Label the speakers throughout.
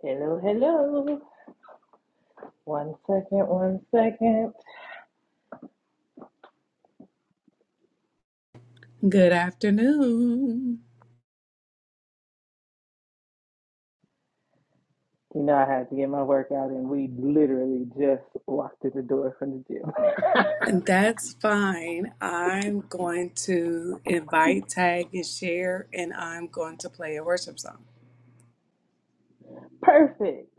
Speaker 1: Hello, hello. One second, one second.
Speaker 2: Good afternoon.
Speaker 1: You know, I had to get my workout in. We literally just walked through the door from the gym.
Speaker 2: That's fine. I'm going to invite, tag, and share, and I'm going to play a worship song.
Speaker 1: Perfect.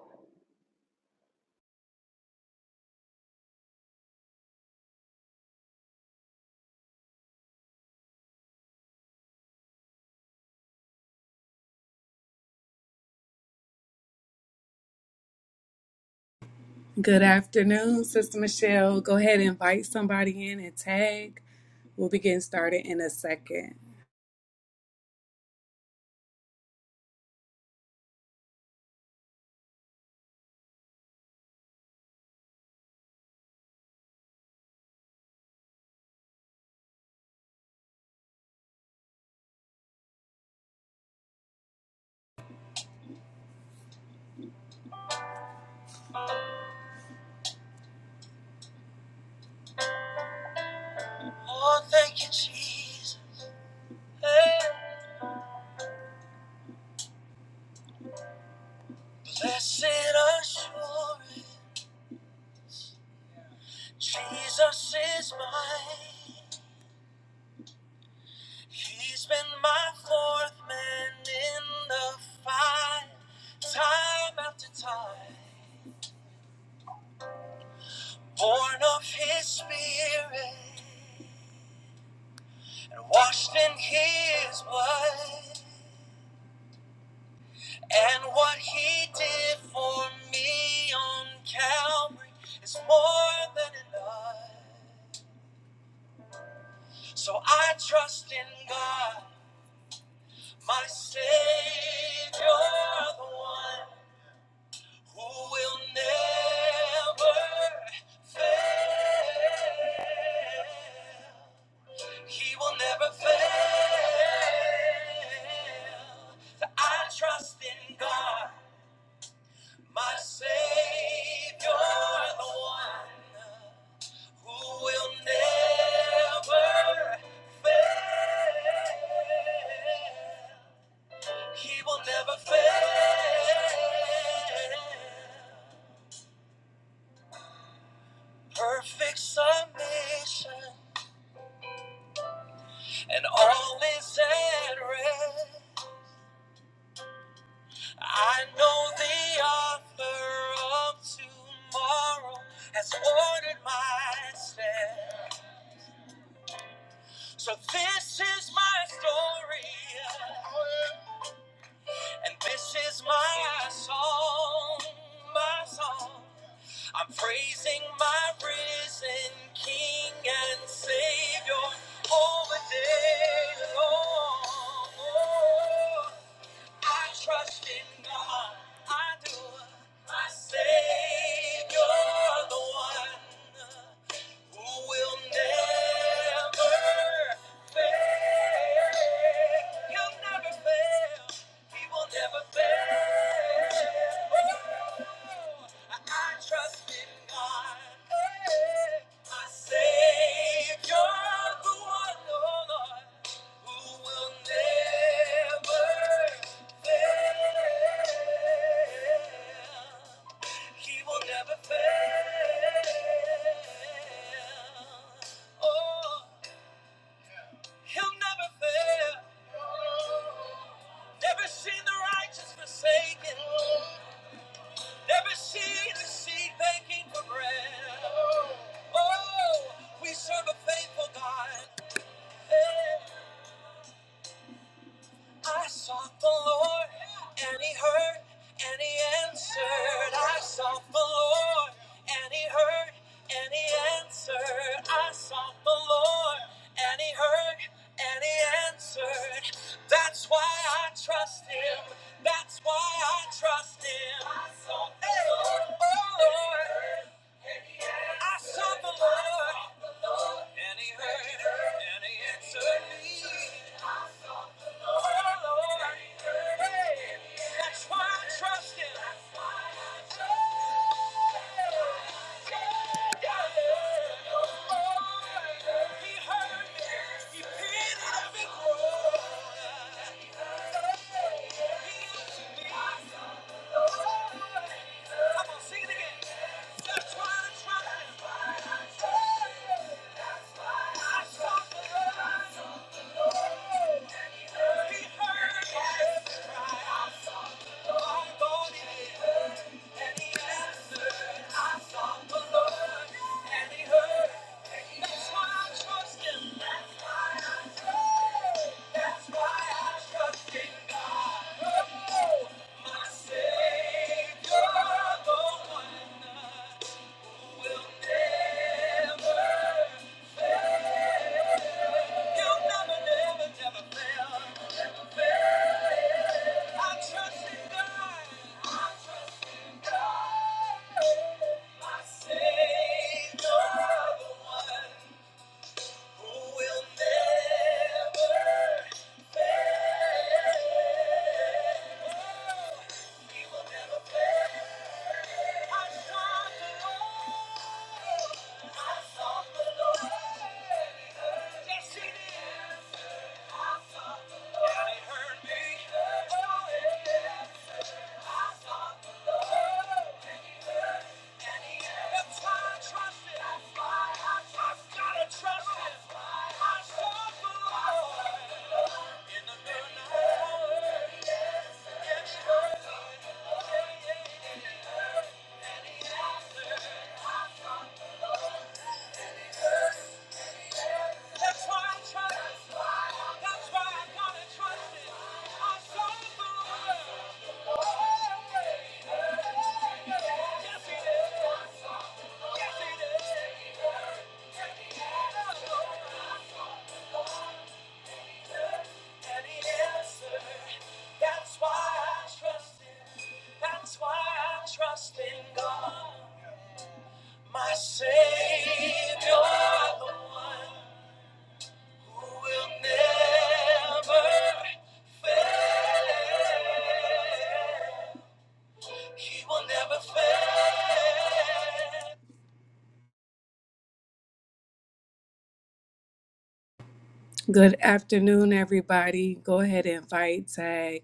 Speaker 2: Good afternoon, Sister Michelle. Go ahead and invite somebody in and tag. We'll be getting started in a second. Oh, thank you, Jesus. Hey, blessed assurance, Jesus is mine. He's been my fourth man in the fight, time after time. Born of his spirit and washed in his blood. And what he did for me on Calvary is more than enough. So I trust in God, my Savior, the one. Who will never fail. He will never fail. I trust in God, my Savior, the one who will never fail. He will never fail. Perfect submission. and all is at rest. I know the author of tomorrow has ordered my steps. So this is my story, and this is my song, my song. I'm praising my risen King and Savior all the day long. Oh, I trust in God. I do. My Savior, the one who will never fail. He'll never fail. He will never fail. I, I trust in God, eh, my Savior, the one, oh Lord, who will never fail. He will never fail. Oh, he'll never fail. Never seen the righteous forsaken. Never seen the seed begging for bread. Oh, we serve a faithful God. Hey. I sought the Lord, and He heard, and He answered. I sought the Lord, and He heard, and He answered. I sought the Lord, and He heard, and He answered. That's why I trust Him. That's why I trust Him. I sought the Hey. Lord, oh Lord, I sought the Lord, and He heard, and He answered me. That's why I trust him. He heard me. He pitied every groan. He heard my cry. I saw the Lord, and he Never, never, never fail. I trust in God. I trust in God. My Savior, the one who will never fail. He will never fail. I sought the Lord. I sought the Lord. Yes, He did. I sought the Lord. And He heard me. Oh, yeah. Yeah. That's why I trust That's why I- That's why I gotta trust it. I saw it through the world. Yes, it is. Yes, it is. And he answered. That's why I trust him. That's why I trust in God. My Savior, the one who will never Good afternoon, everybody. Go ahead and invite, tag,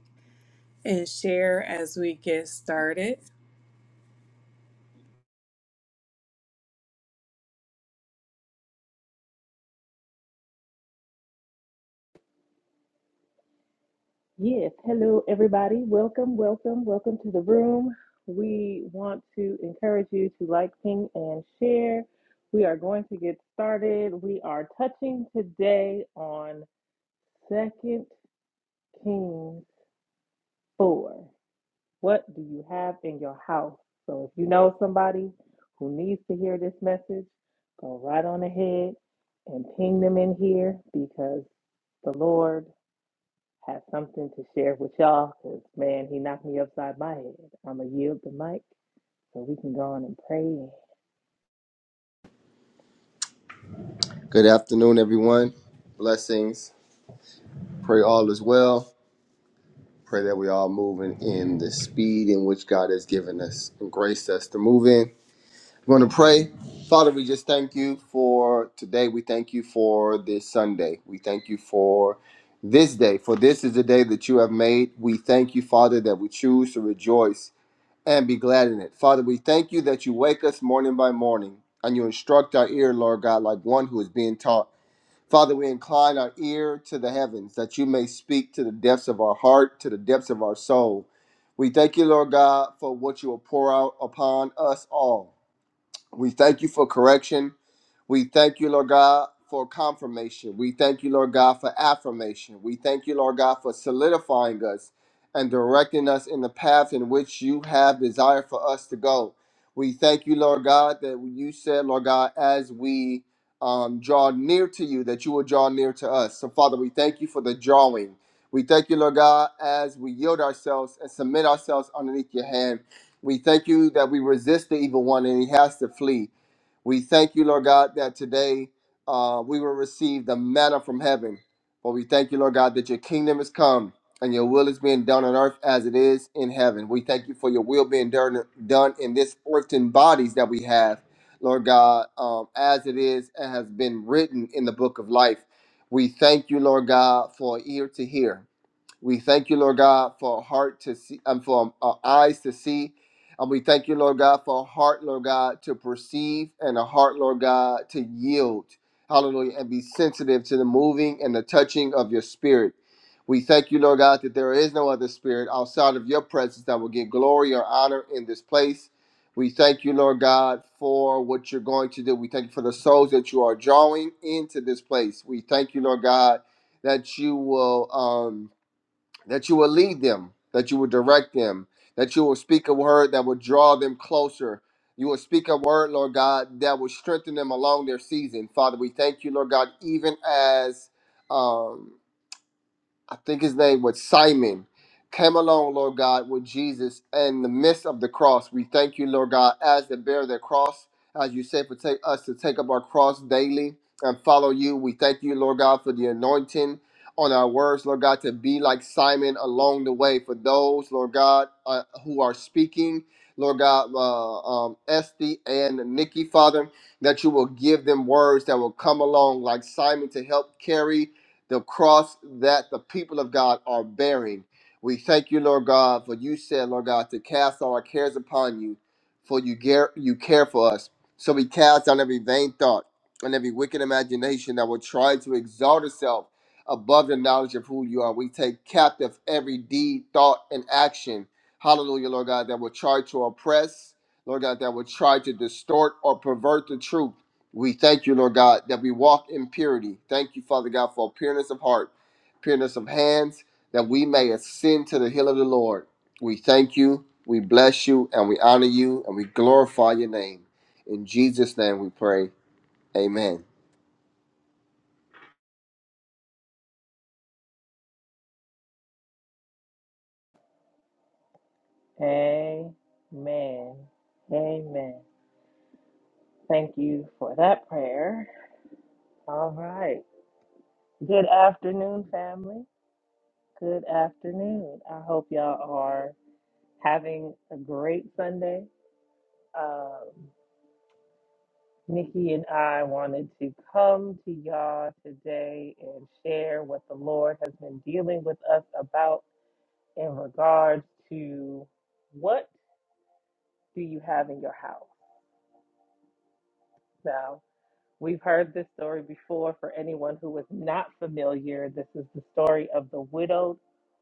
Speaker 2: and share as we get started.
Speaker 1: Yes, hello, everybody. Welcome, welcome, welcome to the room. We want to encourage you to like, ping, and share. We are going to get started. We are touching today on Second Kings 4. What do you have in your house? So if you know somebody who needs to hear this message, go right on ahead and ping them in here because the Lord has something to share with y'all. Because, man, He knocked me upside my head. I'm going to yield the mic so we can go on and pray.
Speaker 3: Good afternoon, everyone. Blessings. Pray all is well. Pray that we all moving in the speed in which God has given us and graced us to move in. We're going to pray. Father, we just thank you for today. We thank you for this Sunday. We thank you for this day, for this is the day that you have made. We thank you, Father, that we choose to rejoice and be glad in it. Father, we thank you that you wake us morning by morning and you instruct our ear, Lord God, like one who is being taught. Father, we incline our ear to the heavens that you may speak to the depths of our heart, to the depths of our soul. We thank you, Lord God, for what you will pour out upon us all. We thank you for correction. We thank you, Lord God, for confirmation. We thank you, Lord God, for affirmation. We thank you, Lord God, for solidifying us and directing us in the path in which you have desired for us to go. We thank you, Lord God, that you said, Lord God, as we um, draw near to you, that you will draw near to us. So, Father, we thank you for the drawing. We thank you, Lord God, as we yield ourselves and submit ourselves underneath your hand. We thank you that we resist the evil one and he has to flee. We thank you, Lord God, that today uh, we will receive the manna from heaven. But we thank you, Lord God, that your kingdom has come and your will is being done on earth as it is in heaven. We thank you for your will being done, done in this earthen bodies that we have, Lord God, um, as it is and has been written in the book of life. We thank you, Lord God, for ear to hear. We thank you, Lord God, for a heart to see and for um, uh, eyes to see. And we thank you, Lord God, for a heart, Lord God, to perceive and a heart, Lord God, to yield. Hallelujah. And be sensitive to the moving and the touching of your spirit. We thank you, Lord God, that there is no other spirit outside of your presence that will get glory or honor in this place. We thank you, Lord God, for what you're going to do. We thank you for the souls that you are drawing into this place. We thank you, Lord God, that you will. Um, that you will lead them, that you will direct them, that you will speak a word that will draw them closer. You will speak a word, Lord God, that will strengthen them along their season. Father, we thank you, Lord God, even as. Um, I think his name was Simon, came along, Lord God, with Jesus in the midst of the cross. We thank you, Lord God, as they bear their cross, as you say, for take us to take up our cross daily and follow you. We thank you, Lord God, for the anointing on our words, Lord God, to be like Simon along the way. For those, Lord God, uh, who are speaking, Lord God, uh, um, Esty and Nikki, Father, that you will give them words that will come along like Simon to help carry the cross that the people of God are bearing. We thank you, Lord God, for you said, Lord God, to cast all our cares upon you, for you care, you care for us. So we cast down every vain thought and every wicked imagination that will try to exalt itself above the knowledge of who you are. We take captive every deed, thought, and action. Hallelujah, Lord God, that will try to oppress, Lord God, that will try to distort or pervert the truth. We thank you, Lord God, that we walk in purity. Thank you, Father God, for pureness of heart, pureness of hands, that we may ascend to the hill of the Lord. We thank you, we bless you, and we honor you, and we glorify your name. In Jesus' name we pray. Amen.
Speaker 1: Amen. Amen. Thank you for that prayer. All right. Good afternoon, family. Good afternoon. I hope y'all are. having a great Sunday. Um, Nikki and I wanted to come to y'all today and share what the Lord has been dealing with us about in regards to what do you have in your house. Now, we've heard this story before. For anyone who is not familiar, this is the story of the widowed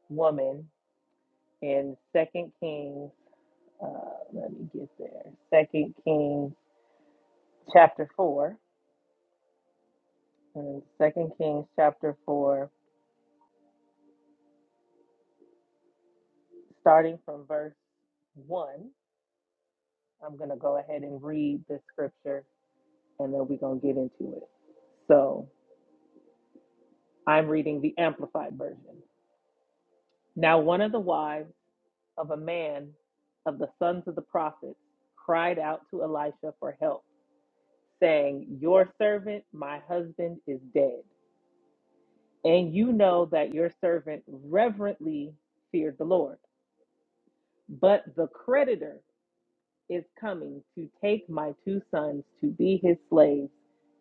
Speaker 1: woman in Second Kings. Uh, let me get there. Second Kings chapter four in Second Kings chapter four, starting from verse one. I'm gonna go ahead and read the scripture, and then we're gonna get into it. So I'm reading the Amplified version. Now one of the wives of a man of the sons of the prophets cried out to Elisha for help, saying, Your servant, my husband, is dead. And you know that your servant reverently feared the Lord. But the creditor is coming to take my two sons to be his slaves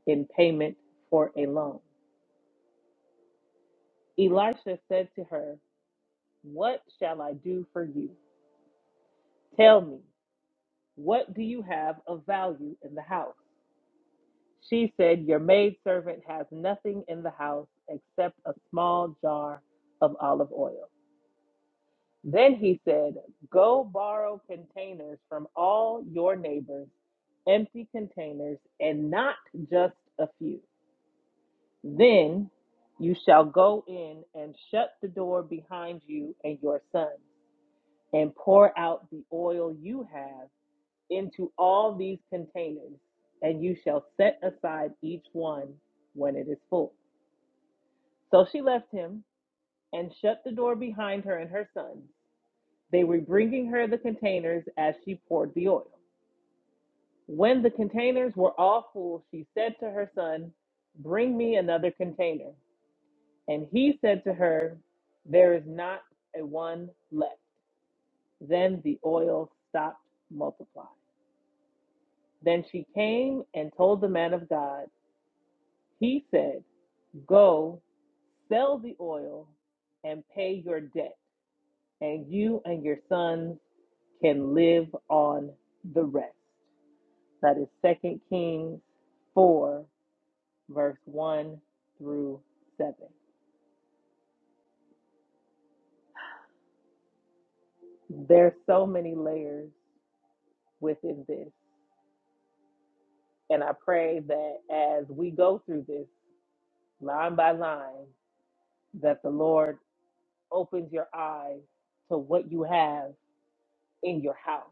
Speaker 1: in payment for a loan. Elisha said to her, What shall I do for you? Tell me, what do you have of value in the house? She said, Your maidservant has nothing in the house except a small jar of olive oil. Then he said, Go borrow containers from all your neighbors, empty containers, and not just a few. Then you shall go in and shut the door behind you and your sons, and pour out the oil you have into all these containers, and you shall set aside each one when it is full. So she left him and shut the door behind her and her sons. They were bringing her the containers as she poured the oil. When the containers were all full, she said to her son, Bring me another container. And he said to her, There is not a one left. Then the oil stopped multiplying. Then she came and told the man of God, He said, Go sell the oil and pay your debt, and you and your sons can live on the rest. That is is Second Kings 4, verse 1 through 7. There's so many layers within this. And I pray that as we go through this line by line, that the Lord opens your eyes to what you have in your house.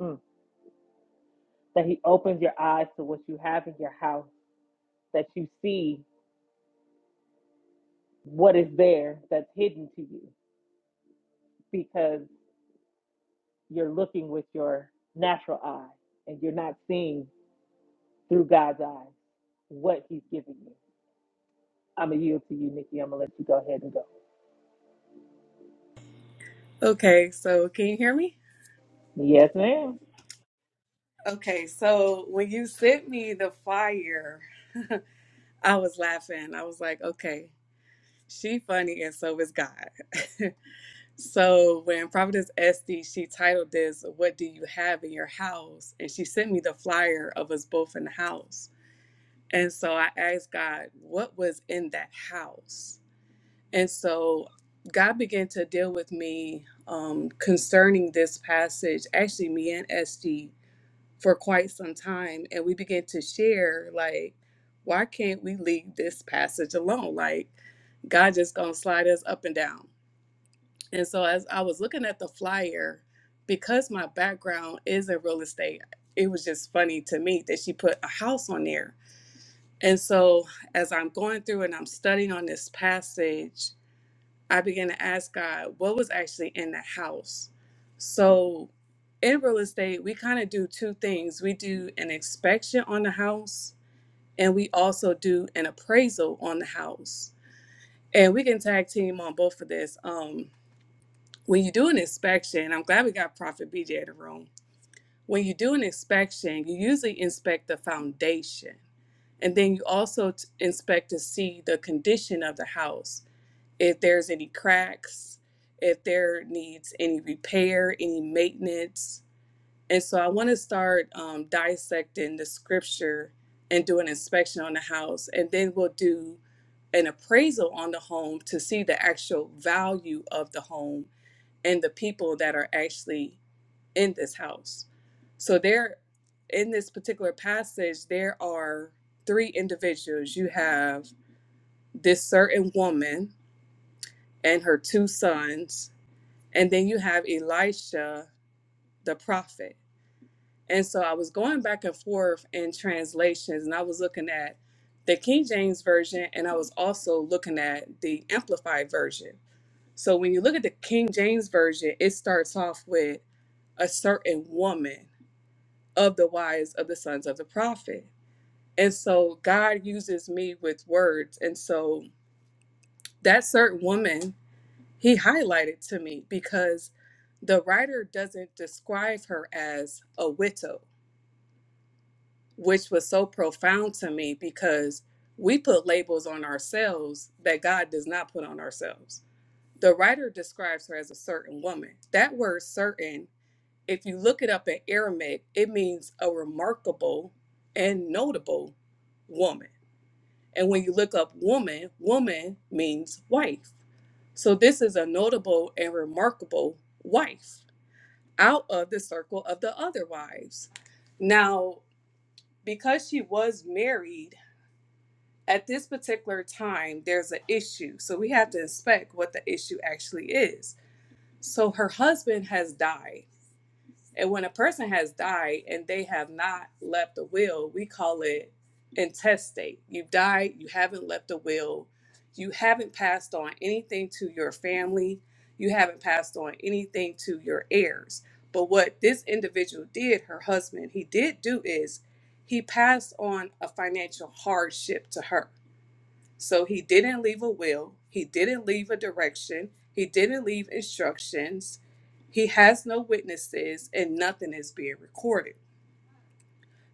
Speaker 1: Mm. That He opens your eyes to what you have in your house, that you see what is there that's hidden to you because you're looking with your natural eye and you're not seeing through God's eyes what He's giving you. I'm going to yield to you, Nikki. I'm going to let you go ahead and go.
Speaker 2: Okay, so can you hear me?
Speaker 1: Yes, ma'am.
Speaker 2: Okay, so when you sent me the flyer, I was laughing. I was like, okay, she funny and so is God. so when Providence Esty, she titled this, What Do You Have in Your House? And she sent me the flyer of us both in the house. And so I asked God, what was in that house? And so God began to deal with me um, concerning this passage, actually, me and SG, for quite some time. And we began to share, like, why can't we leave this passage alone? Like, God just gonna slide us up and down. And so as I was looking at the flyer, because my background is in real estate, it was just funny to me that she put a house on there. And so, as I'm going through and I'm studying on this passage, I began to ask God what was actually in the house. So, in real estate, we kind of do two things we do an inspection on the house, and we also do an appraisal on the house. And we can tag team on both of this. Um, when you do an inspection, I'm glad we got Prophet BJ in the room. When you do an inspection, you usually inspect the foundation and then you also t- inspect to see the condition of the house. If there's any cracks, if there needs any repair, any maintenance. And so I want to start um, dissecting the scripture and do an inspection on the house. And then we'll do an appraisal on the home to see the actual value of the home and the people that are actually in this house. So there in this particular passage there are three individuals. You have this certain woman and her two sons, and then you have Elisha the prophet. And so I was going back and forth in translations and I was looking at the King James version and I was also looking at the amplified version. So when you look at the King James version, it starts off with a certain woman of the wives of the sons of the prophet. And so God uses me with words. And so that certain woman, he highlighted to me because the writer doesn't describe her as a widow, which was so profound to me because we put labels on ourselves that God does not put on ourselves. The writer describes her as a certain woman. That word certain If you look it up in Aramaic, it means a remarkable and notable woman. And when you look up woman, woman means wife. So this is a notable and remarkable wife out of the circle of the other wives. Now, because she was married at this particular time, there's an issue. So we have to inspect what the issue actually is. So her husband has died And when a person has died and they have not left a will, we call it intestate. You've died, you haven't left a will, you haven't passed on anything to your family, you haven't passed on anything to your heirs. But what this individual did, her husband, he did do is he passed on a financial hardship to her so he didn't leave a will, he didn't leave a direction, he didn't leave instructions, he has no witnesses, and nothing is being recorded.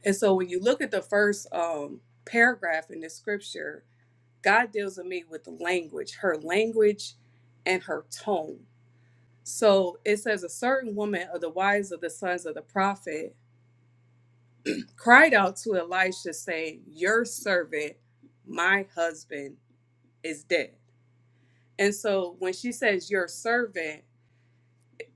Speaker 2: And so when you look at the first um, paragraph in the scripture, God deals with me with the language, her language and her tone. So it says, A certain woman of the wives of the sons of the prophet cried out to Elisha, saying, Your servant, my husband, is dead. And so when she says your servant,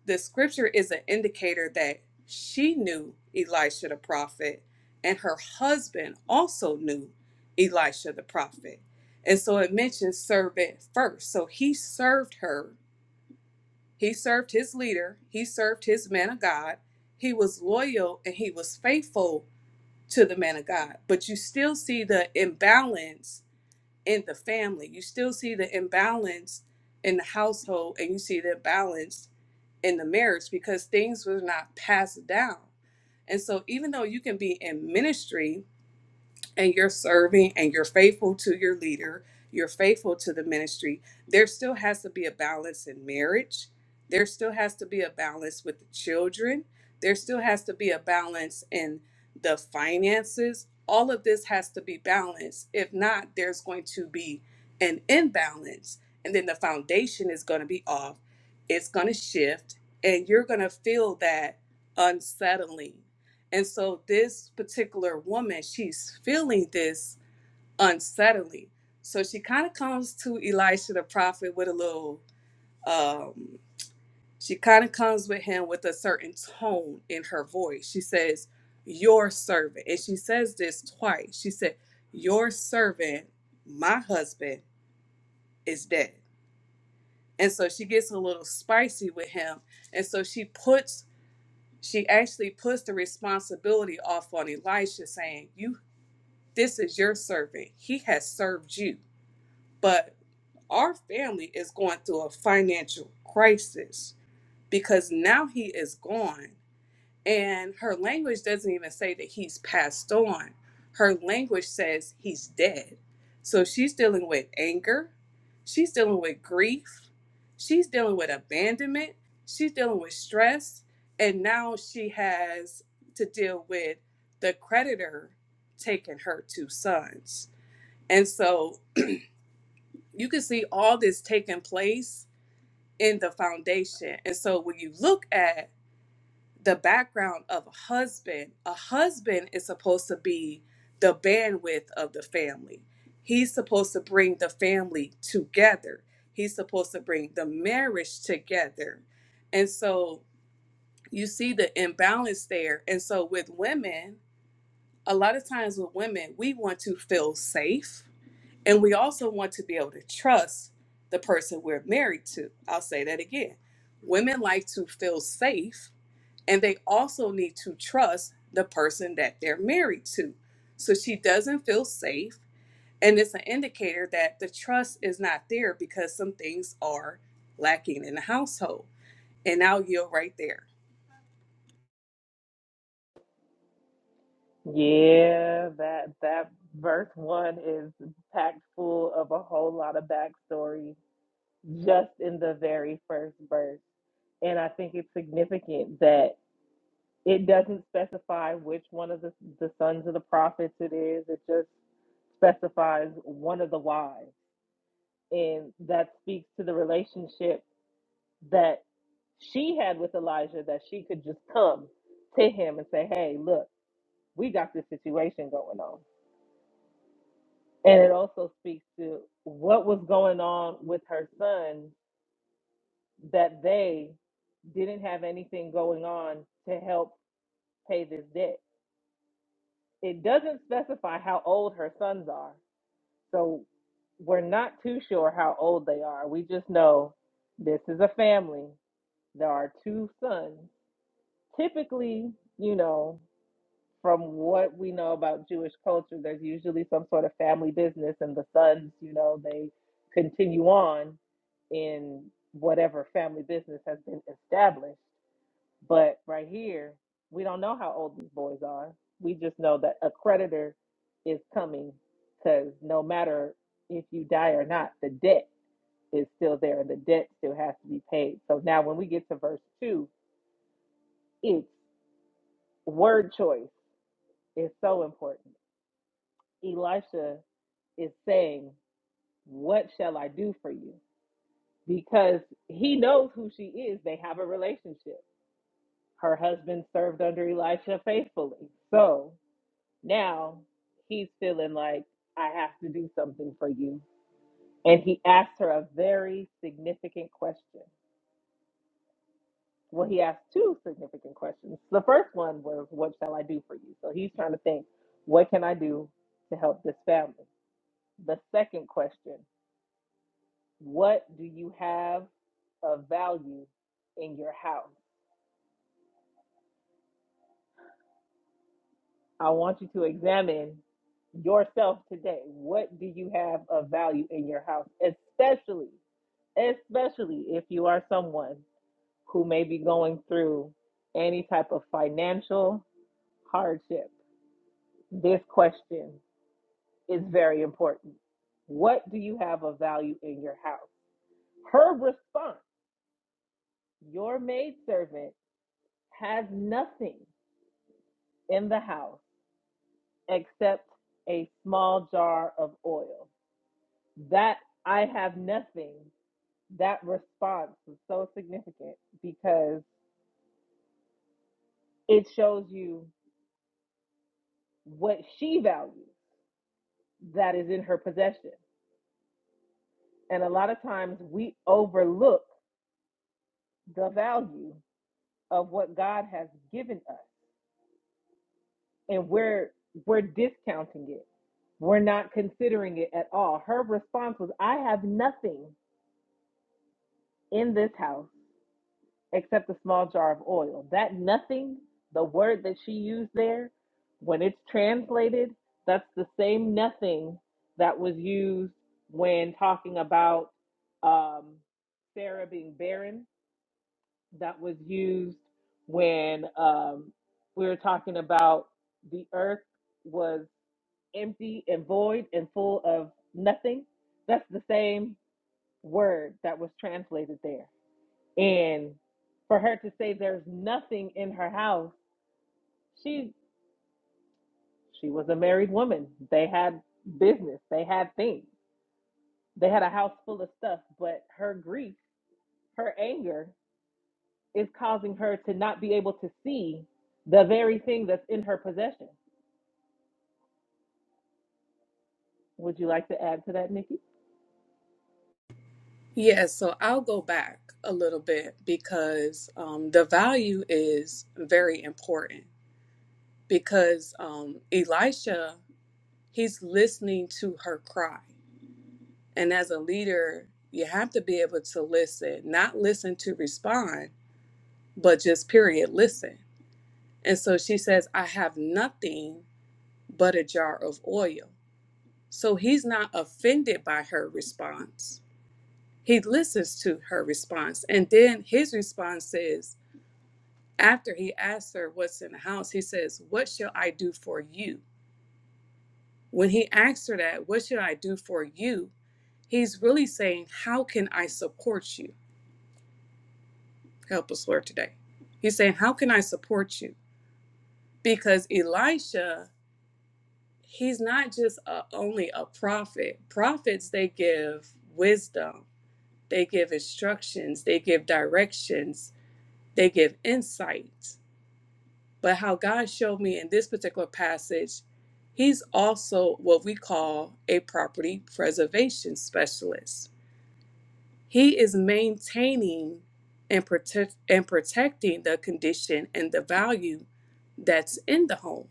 Speaker 2: the scripture is an indicator that she knew Elisha the prophet, and her husband also knew Elisha the prophet. And so it mentions servant first. So he served her, he served his leader, he served his man of God. He was loyal and he was faithful to the man of God. But you still see the imbalance in the family. You still see the imbalance in the household and you see the imbalance in the marriage because things were not passed down. And so even though you can be in ministry and you're serving and you're faithful to your leader, you're faithful to the ministry, there still has to be a balance in marriage. There still has to be a balance with the children. There still has to be a balance in the finances. All of this has to be balanced. If not, there's going to be an imbalance. And then the foundation is going to be off. It's going to shift. And you're going to feel that unsettling. And so this particular woman, she's feeling this unsettling. So she kind of comes to Elisha the prophet with a little um she kind of comes with him with a certain tone in her voice. She says, "Your servant." And she says this twice. She said, "Your servant, my husband is dead." And so she gets a little spicy with him. And so she puts she actually puts the responsibility off on Elisha, saying, "You." This is your servant. He has served you. But our family is going through a financial crisis because now he is gone. And her language doesn't even say that he's passed on, her language says he's dead. So she's dealing with anger, she's dealing with grief, she's dealing with abandonment, she's dealing with stress. And now she has to deal with the creditor taking her two sons. And so you can see all this taking place in the foundation. And so when you look at the background of a husband, a husband is supposed to be the bandwidth of the family. He's supposed to bring the family together. He's supposed to bring the marriage together. And so you see the imbalance there. And so with women, a lot of times with women, we want to feel safe And we also want to be able to trust the person we're married to. I'll say that again. Women like to feel safe, and they also need to trust the person that they're married to. So she doesn't feel safe, and it's an indicator that the trust is not there because some things are lacking in the household. And I'll yield right there.
Speaker 1: Yeah, that that verse one is packed full of a whole lot of backstory just in the very first verse. And I think it's significant that it doesn't specify which one of the, the sons of the prophets it is. It just specifies one of the wives. And that speaks to the relationship that she had with Elijah, that she could just come to him and say, Hey, look, we got this situation going on And it also speaks to what was going on with her son that they didn't have anything going on to help pay this debt. It doesn't specify how old her sons are. So we're not too sure how old they are. We just know this is a family. There are two sons. Typically, you know, from what we know about Jewish culture, there's usually some sort of family business, and the sons, you know, they continue on in whatever family business has been established. But right here, we don't know how old these boys are. We just know that a creditor is coming because no matter if you die or not, the debt is still there and the debt still has to be paid. So now when we get to verse two, it's word choice is so important. Elisha is saying, What shall I do for you? Because he knows who she is. They have a relationship. Her husband served under Elisha faithfully. So now he's feeling like, I have to do something for you. And he asked her a very significant question. Well, he asked two significant questions. The first one was, What shall I do for you? So he's trying to think, What can I do to help this family? The second question, What do you have of value in your house? I want you to examine yourself today. What do you have of value in your house? Especially, especially if you are someone who may be going through any type of financial hardship. This question is very important. What do you have of value in your house? Her response, your maidservant has nothing in the house except a small jar of oil That I have nothing, that response was so significant because it shows you what she values that is in her possession. And a lot of times we overlook the value of what God has given us and we're we're discounting it. We're not considering it at all. Her response was, I have nothing in this house except a small jar of oil. That nothing, the word that she used there, when it's translated, that's the same nothing that was used when talking about um, Sarah being barren, that was used when um, we were talking about the earth was empty and void and full of nothing. That's the same word that was translated there. And for her to say there's nothing in her house, she she was a married woman. They had business, they had things. They had a house full of stuff, but her grief, her anger is causing her to not be able to see the very thing that's in her possession. Would you like to add to that, Nikki?
Speaker 2: Yeah, so I'll go back a little bit because um, the value is very important because um, Elisha, he's listening to her cry. And as a leader, you have to be able to listen, not listen to respond, but just period, listen. And so she says, I have nothing but a jar of oil. So he's not offended by her response. He listens to her response. And then his response is, after he asks her what's in the house, he says, What shall I do for you? When he asks her that, what should I do for you? He's really saying, how can I support you? Help us, Lord, today. He's saying, how can I support you? Because Elisha, he's not just a, only a prophet. Prophets, they give wisdom, they give instructions, they give directions, they give insight. But how God showed me in this particular passage, he's also what we call a property preservation specialist He is maintaining and protect and protecting the condition and the value that's in the home.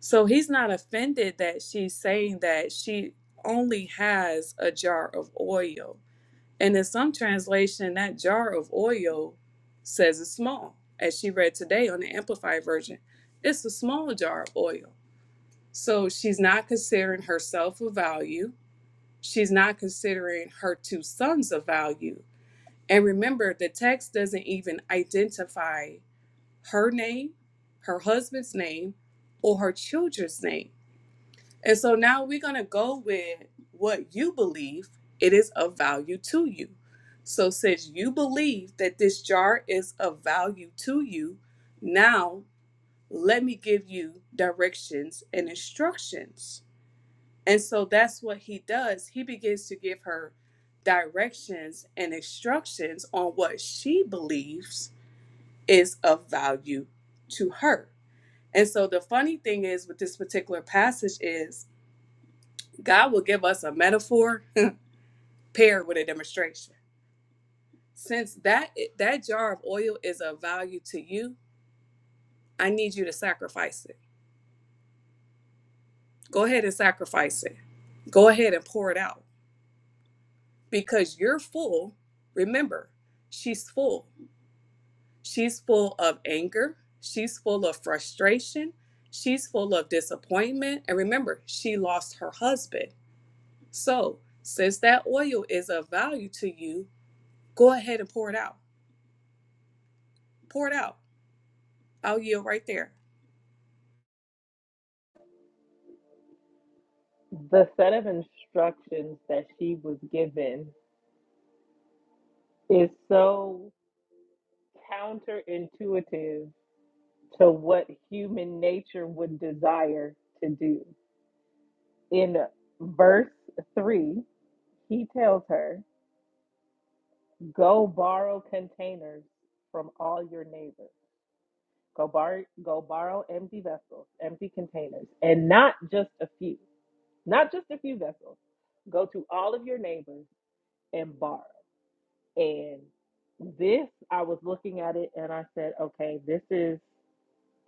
Speaker 2: So he's not offended that she's saying that she only has a jar of oil. And in some translation, that jar of oil says it's small. As she read today on the Amplified version, it's a small jar of oil. So she's not considering herself of value. She's not considering her two sons of value and remember, the text doesn't even identify her name, her husband's name, or her children's name. And so now we're going to go with what you believe it is of value to you. So, since you believe that this jar is of value to you, now let me give you directions and instructions. And so that's what he does. He begins to give her directions and instructions on what she believes is of value to her. And so the funny thing is with this particular passage is God will give us a metaphor paired with a demonstration. Since that that jar of oil is of value to you, I need you to sacrifice it. Go ahead and sacrifice it. Go ahead and pour it out because you're full. Remember, she's full She's full of anger. She's full of frustration. She's full of disappointment. And remember, she lost her husband. So, since that oil is of value to you, go ahead and pour it out. Pour it out. I'll yield right there.
Speaker 1: The set of instructions that she was given is so counterintuitive to what human nature would desire to do. in verse 3, he tells her, Go borrow containers from all your neighbors. Go, bar- go borrow empty vessels, empty containers, and not just a few, not just a few vessels. Go to all of your neighbors and borrow. And this, I was looking at it and I said, okay, this is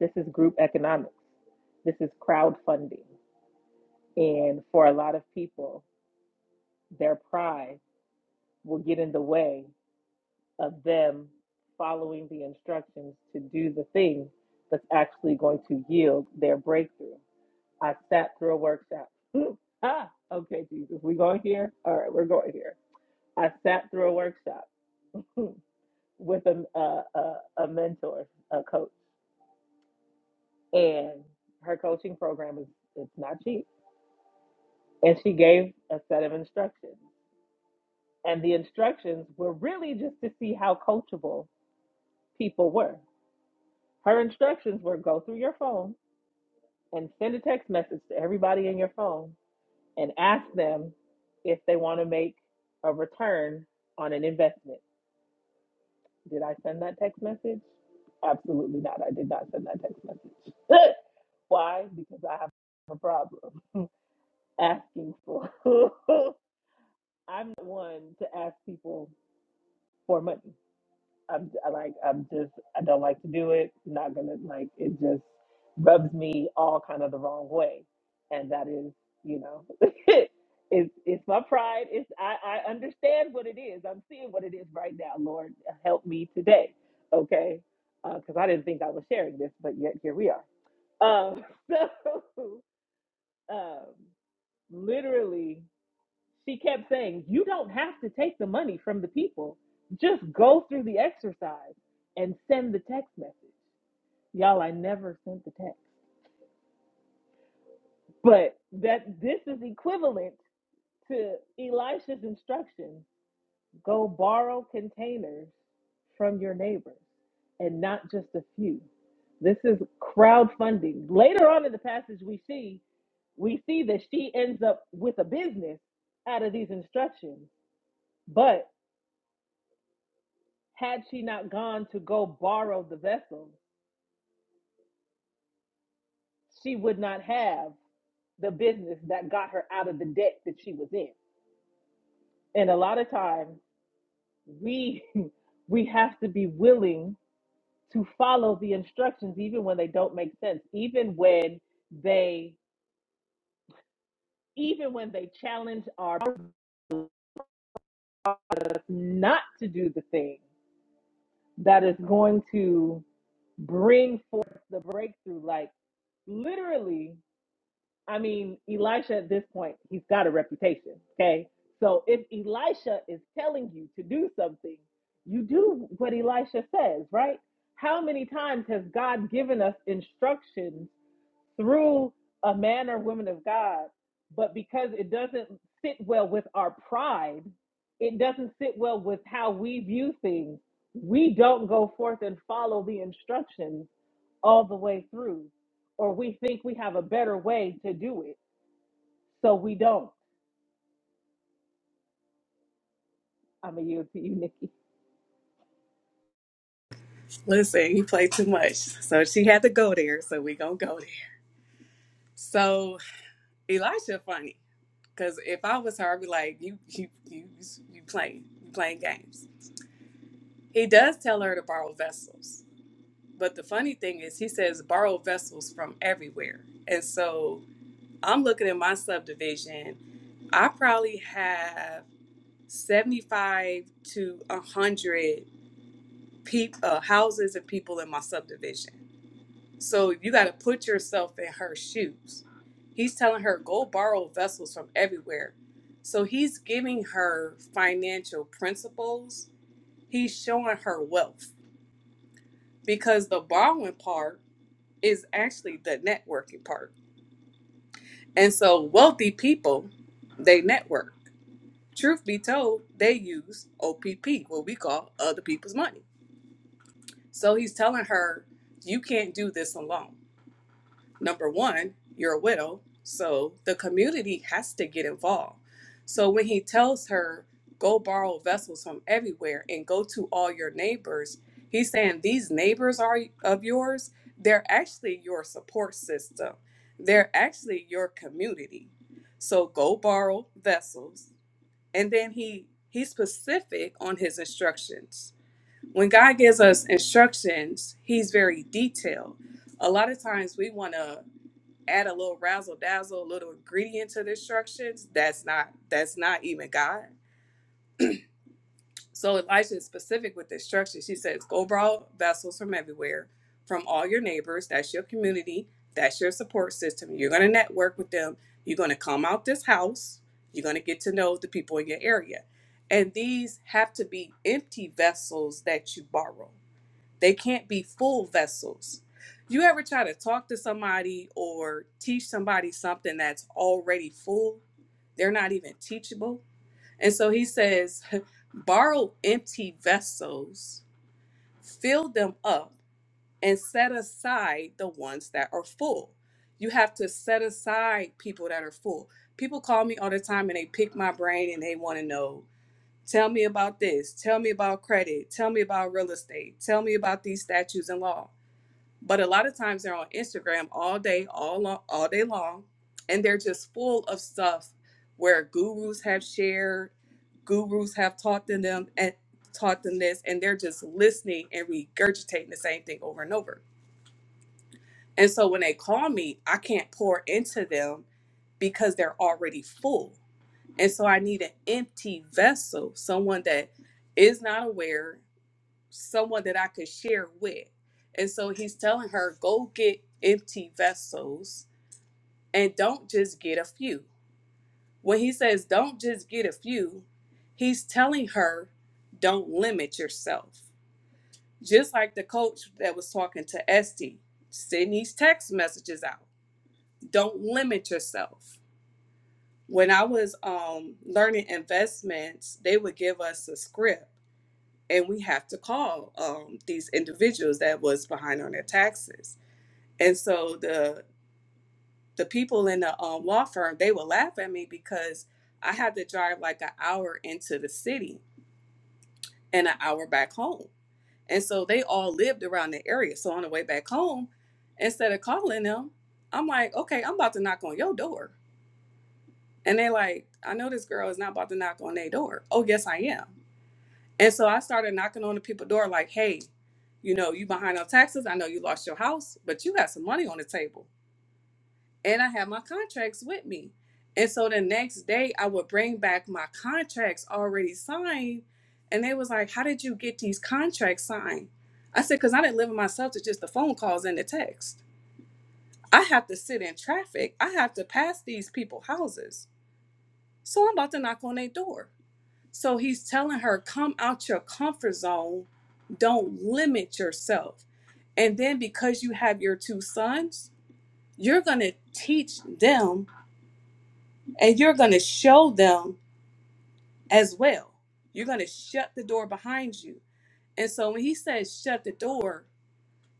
Speaker 1: this is group economics. This is crowdfunding. And for a lot of people, their pride will get in the way of them following the instructions to do the thing that's actually going to yield their breakthrough. I sat through a workshop. Ooh, ah, okay, Jesus, we going here? All right, we're going here. I sat through a workshop with a, a, a, a mentor, a coach, and her coaching program is it's not cheap. And she gave a set of instructions, and the instructions were really just to see how coachable people were. Her instructions were go through your phone and send a text message to everybody in your phone and ask them if they want to make a return on an investment. Did I send that text message? Absolutely not. I did not send that text message. Why? Because I have a problem asking for. I'm the one to ask people for money. I'm I like I'm just I don't like to do it. Not gonna like it just rubs me all kind of the wrong way, and that is you know it's it's my pride. It's I I understand what it is. I'm seeing what it is right now. Lord help me today, okay? Because I didn't think I was sharing this, but yet here we are. Um, so um, literally. She kept saying, You don't have to take the money from the people. Just go through the exercise and send the text message. Y'all, I never sent the text. But that this is equivalent to Elisha's instruction go borrow containers from your neighbors and not just a few. This is crowdfunding. Later on in the passage we see we see that she ends up with a business out of these instructions. But Had she not gone to go borrow the vessel, she would not have the business that got her out of the debt that she was in. And a lot of times we we have to be willing to follow the instructions even when they don't make sense, even when they even when they challenge our purpose not to do the thing that is going to bring forth the breakthrough like literally I mean, Elisha at this point, he's got a reputation. Okay. So if Elisha is telling you to do something, you do what Elisha says, right? How many times has God given us instructions through a man or woman of God, but because it doesn't sit well with our pride, it doesn't sit well with how we view things, we don't go forth and follow the instructions all the way through, or we think we have a better way to do it so we don't. I'm going to yield to you, Nikki.
Speaker 2: Listen, you play too much. So she had to go there. So we gonna go there. So Elisha funny, because if I was her, I'd be like, you you you you playing you playing games. He does tell her to borrow vessels But the funny thing is, he says borrow vessels from everywhere. And so I'm looking at my subdivision. I probably have 75 to 100 peop- uh, houses and people in my subdivision. So you got to put yourself in her shoes. He's telling her, go borrow vessels from everywhere. So he's giving her financial principles. He's showing her wealth because the borrowing part is actually the networking part. And so wealthy people, they network. Truth be told, they use OPP, what we call other people's money. So he's telling her, you can't do this alone. number one, you're a widow, so the community has to get involved. So when he tells her, go borrow vessels from everywhere and go to all your neighbors, he's saying these neighbors are of yours, they're actually your support system. They're actually your community. So go borrow vessels. And then he he's specific on his instructions. When God gives us instructions, he's very detailed a lot of times we want to add a little razzle dazzle, a little ingredient to the instructions, that's not that's not even God. So Elisha is specific with the instructions. She says, Go borrow vessels from everywhere, from all your neighbors. That's your community. That's your support system. You're gonna network with them. You're gonna come out this house. You're gonna get to know the people in your area. And these have to be empty vessels that you borrow. They can't be full vessels. You ever try to talk to somebody or teach somebody something that's already full? They're not even teachable. And so he says, borrow empty vessels, fill them up, and set aside the ones that are full. You have to set aside people that are full. People call me all the time and they pick my brain and they want to know tell me about this, tell me about credit, tell me about real estate, tell me about these statutes and law. But a lot of times they're on Instagram all day, all long, all day long, and they're just full of stuff where gurus have shared, gurus have taught them them and taught them this, and they're just listening and regurgitating the same thing over and over. And so when they call me, I can't pour into them because they're already full. And so I need an empty vessel, someone that is not aware, someone that I could share with. And so he's telling her, go get empty vessels and don't just get a few. When he says, don't just get a few, he's telling her, don't limit yourself. Just like the coach that was talking to Esty, send these text messages out. Don't limit yourself. When I was um, learning investments, they would give us a script and we have to call um, these individuals that was behind on their taxes And so the the people in the um, law firm they would laugh at me because I had to drive like an hour into the city and an hour back home. And so they all lived around the area. So on the way back home, instead of calling them, I'm like, okay, I'm about to knock on your door. And they like, I know this girl is not about to knock on their door. Oh yes, I am. And so I started knocking on the people's door like, hey, you know, you behind on taxes. I know you lost your house, but you got some money on the table. and I had my contracts with me. And so the next day I would bring back my contracts already signed. And they was like, How did you get these contracts signed? I said, Because I didn't live with myself to just the phone calls and the text. I have to sit in traffic. I have to pass these people houses. So I'm about to knock on their door. So he's telling her, Come out your comfort zone. Don't limit yourself. And then because you have your two sons, you're going to teach them and you're going to show them as well. You're going to shut the door behind you. And so when he says shut the door,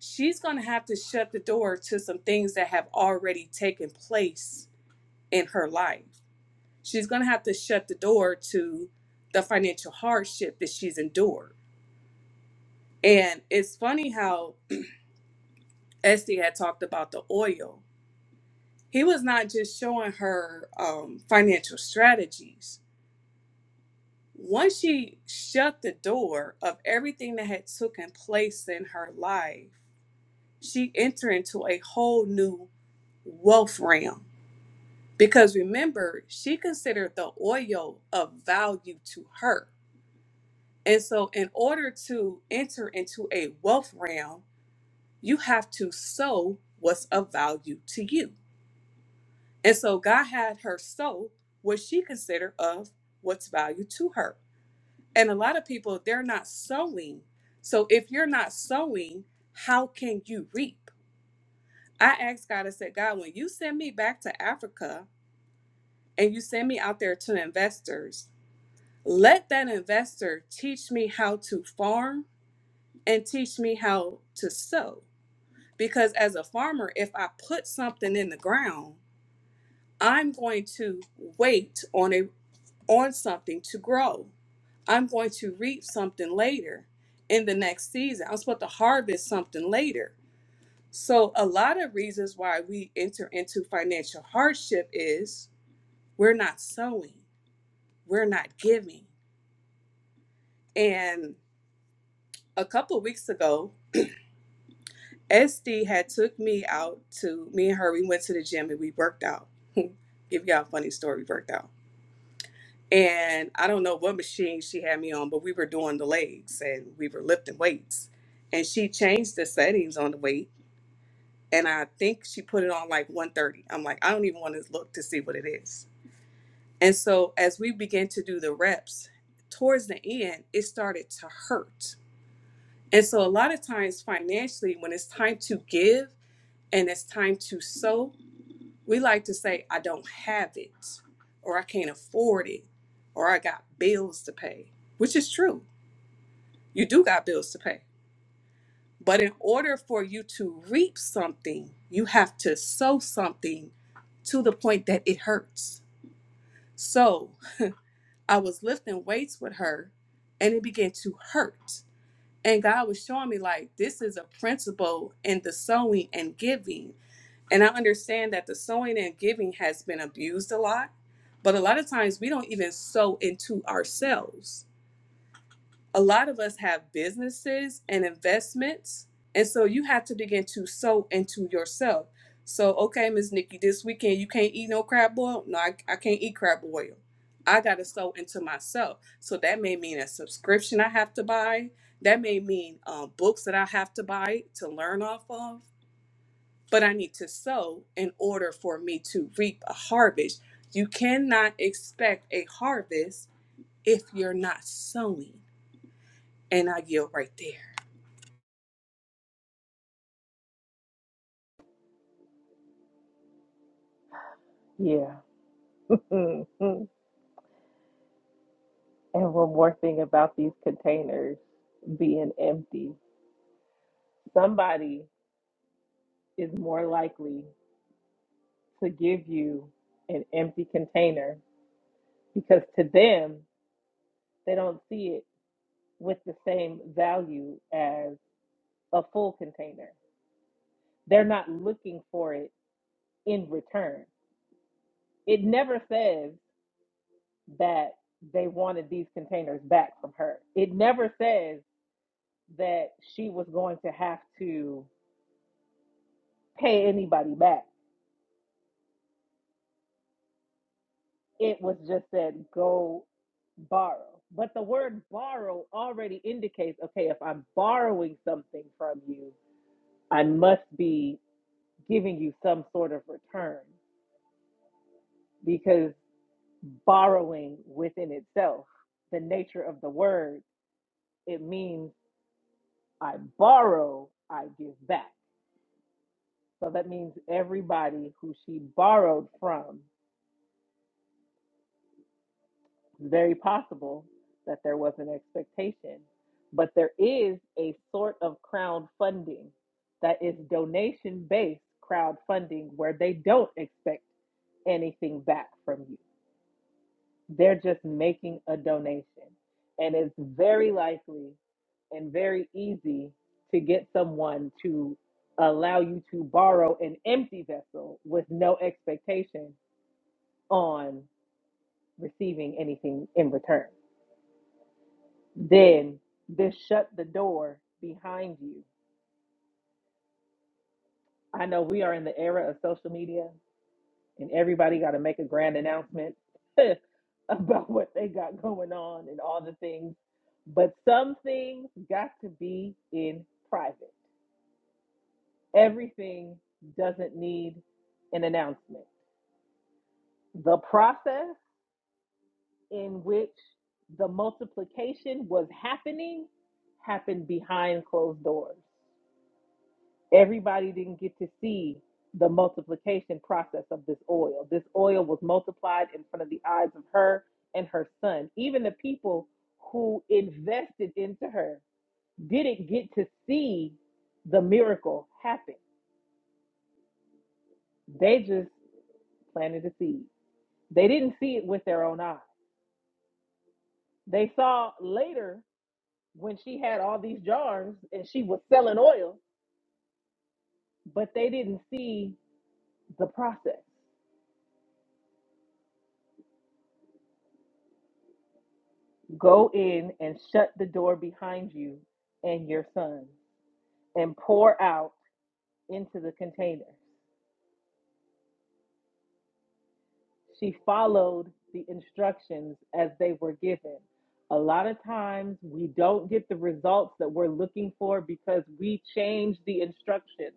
Speaker 2: she's going to have to shut the door to some things that have already taken place in her life. She's going to have to shut the door to the financial hardship that she's endured. And it's funny how Esty had talked about the oil. He was not just showing her um, financial strategies, once she shut the door of everything that had taken place in her life, she entered into a whole new wealth realm. Because remember, she considered the oil of value to her. And so, in order to enter into a wealth realm, you have to sow what's of value to you. And so, God had her sow what she considered of what's value to her. And a lot of people, they're not sowing. So if you're not sowing, how can you reap? I asked God, I said, God, when you send me back to Africa and you send me out there to investors, let that investor teach me how to farm and teach me how to sow. Because as a farmer, if I put something in the ground, I'm going to wait on a on something to grow. I'm going to reap something later in the next season. I'm supposed to harvest something later. So, a lot of reasons why we enter into financial hardship is we're not sowing, we're not giving. And a couple of weeks ago, SD had took me out to me and her. We went to the gym and we worked out. Give y'all a funny story. We worked out And I don't know what machine she had me on, but we were doing the legs and we were lifting weights. And she changed the settings on the weight. And I think she put it on like 130. I'm like, I don't even want to look to see what it is. And so as we began to do the reps, towards the end, it started to hurt. And so a lot of times financially, when it's time to give and it's time to sow, we like to say, I don't have it, or I can't afford it, or I got bills to pay, which is true. You do got bills to pay. But in order for you to reap something, you have to sow something to the point that it hurts. So I was lifting weights with her and it began to hurt. And God was showing me, like, this is a principle in the sowing and giving And I understand that the sowing and giving has been abused a lot, but a lot of times we don't even sow into ourselves. A lot of us have businesses and investments, and so you have to begin to sow into yourself. So, okay, Miss Nikki, this weekend you can't eat no crab boil. No, I, I can't eat crab boil. I got to sow into myself. So that may mean a subscription I have to buy. That may mean um, books that I have to buy to learn off of but I need to sow in order for me to reap a harvest. You cannot expect a harvest if you're not sowing. And I yield right there.
Speaker 1: Yeah. and one more thing about these containers being empty. Somebody is more likely to give you an empty container because to them, they don't see it with the same value as a full container. They're not looking for it in return. It never says that they wanted these containers back from her. It never says that she was going to have to pay anybody back. It was just said, go borrow. But the word borrow already indicates okay, if I'm borrowing something from you, I must be giving you some sort of return because borrowing within itself, the nature of the word, it means I borrow, I give back. So that means everybody who she borrowed from It's very possible that there was an expectation, but there is a sort of crowdfunding that is donation based crowdfunding where they don't expect anything back from you. They're just making a donation. And it's very likely and very easy to get someone to allow you to borrow an empty vessel with no expectation on receiving anything in return. Then this shut the door behind you. I know we are in the era of social media and everybody got to make a grand announcement about what they got going on and all the things. But some things got to be in private. Everything doesn't need an announcement. The process in which the multiplication was happening happened behind closed doors. everybody didn't get to see the multiplication process of this oil. This oil was multiplied in front of the eyes of her and her son. Even the people who invested into her didn't get to see the miracle happen. They just planted a seed. They didn't see it with their own eyes. They saw later when she had all these jars and she was selling oil, but they didn't see the process. Go in and shut the door behind you and your sons, and pour out into the container. She followed the instructions as they were given. A lot of times we don't get the results that we're looking for because we change the instructions.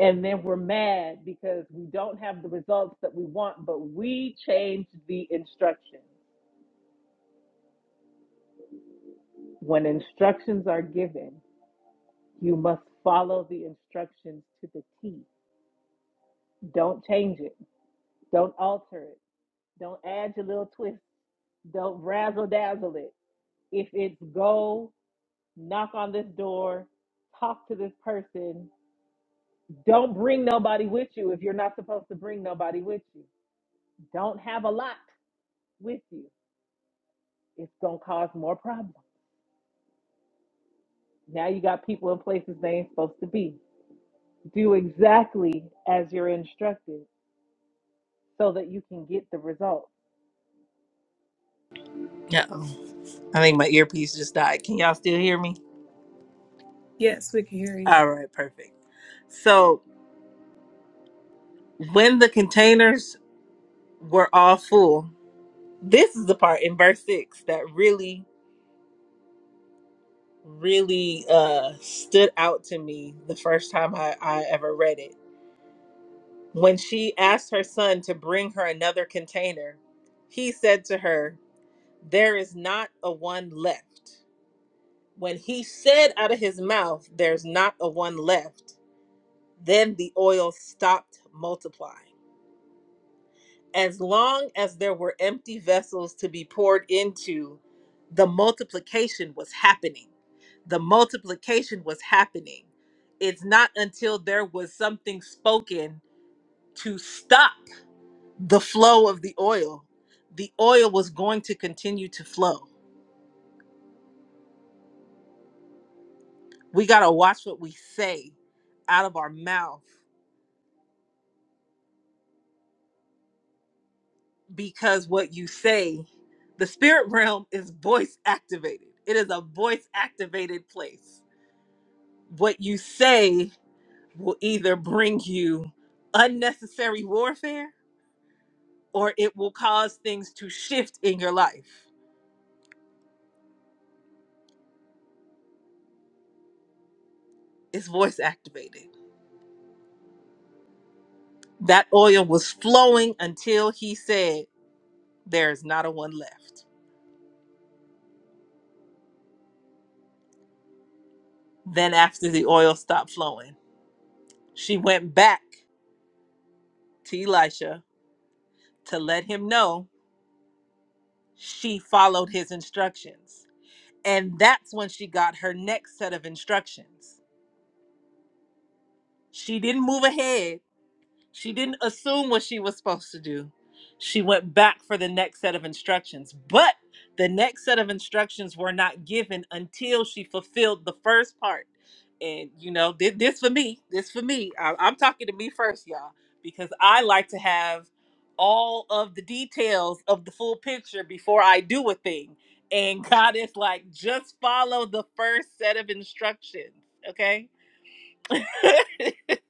Speaker 1: And then we're mad because we don't have the results that we want, but we changed the instructions. When instructions are given, you must follow the instructions to the T Don't change it. Don't alter it. Don't add your little twist. Don't razzle dazzle it. If it's go, knock on this door, talk to this person. Don't bring nobody with you if you're not supposed to bring nobody with you. Don't have a lot with you. It's going to cause more problems. Now you got people in places they ain't supposed to be. Do exactly as you're instructed so that you can get the result. Yeah. I think my earpiece just died. Can y'all still hear me?
Speaker 2: Yes, we can hear you.
Speaker 1: All right, perfect. So when the containers were all full, this is the part in verse six that really, really uh, stood out to me the first time I, I ever read it. When she asked her son to bring her another container, he said to her, There is not a one left. When he said out of his mouth, There's not a one left, then the oil stopped multiplying. as long as there were empty vessels to be poured into, the multiplication was happening. The multiplication was happening. It's not until there was something spoken to stop the flow of the oil. The oil was going to continue to flow. We got to watch what we say out of our mouth because what you say, the spirit realm is voice activated, it is a voice activated place what you say will either bring you unnecessary warfare or it will cause things to shift in your life. It's voice activated. That oil was flowing until he said, There is not a one left. Then, after the oil stopped flowing, she went back to Elisha to let him know she followed his instructions. And that's when she got her next set of instructions. She didn't move ahead She didn't assume what she was supposed to do. She went back for the next set of instructions. But the next set of instructions were not given until she fulfilled the first part. And, you know, thi- this for me, this for me. I- I'm talking to me first, y'all, because I like to have all of the details of the full picture before I do a thing. And God is like, just follow the first set of instructions, okay?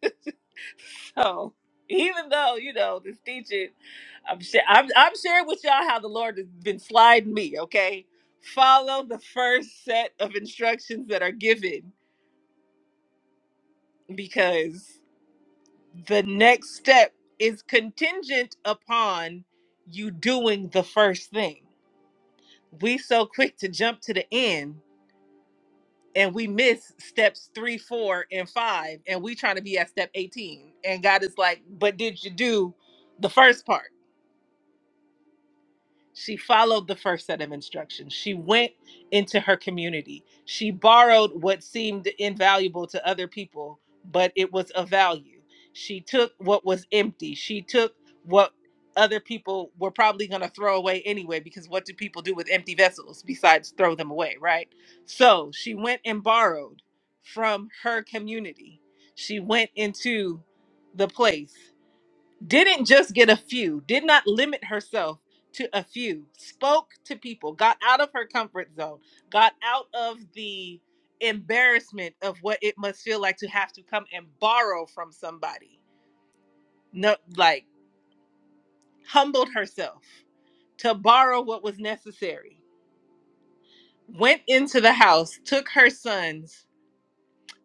Speaker 1: So even though you know this teaching, I'm sha- I'm, I'm sharing with y'all how the Lord has been sliding me. Okay, follow the first set of instructions that are given because the next step is contingent upon you doing the first thing. We so quick to jump to the end and we miss steps three, four, and five, and we trying to be at step 18. And God is like, but did you do the first part? She followed the first set of instructions. She went into her community. She borrowed what seemed invaluable to other people, but it was of value. She took what was empty. She took what other people were probably going to throw away anyway, because what do people do with empty vessels besides throw them away, right? So she went and borrowed from her community. She went into the place didn't just get a few, did not limit herself to a few, spoke to people, got out of her comfort zone, got out of the embarrassment of what it must feel like to have to come and borrow from somebody. No, like humbled herself to borrow what was necessary, went into the house, took her sons.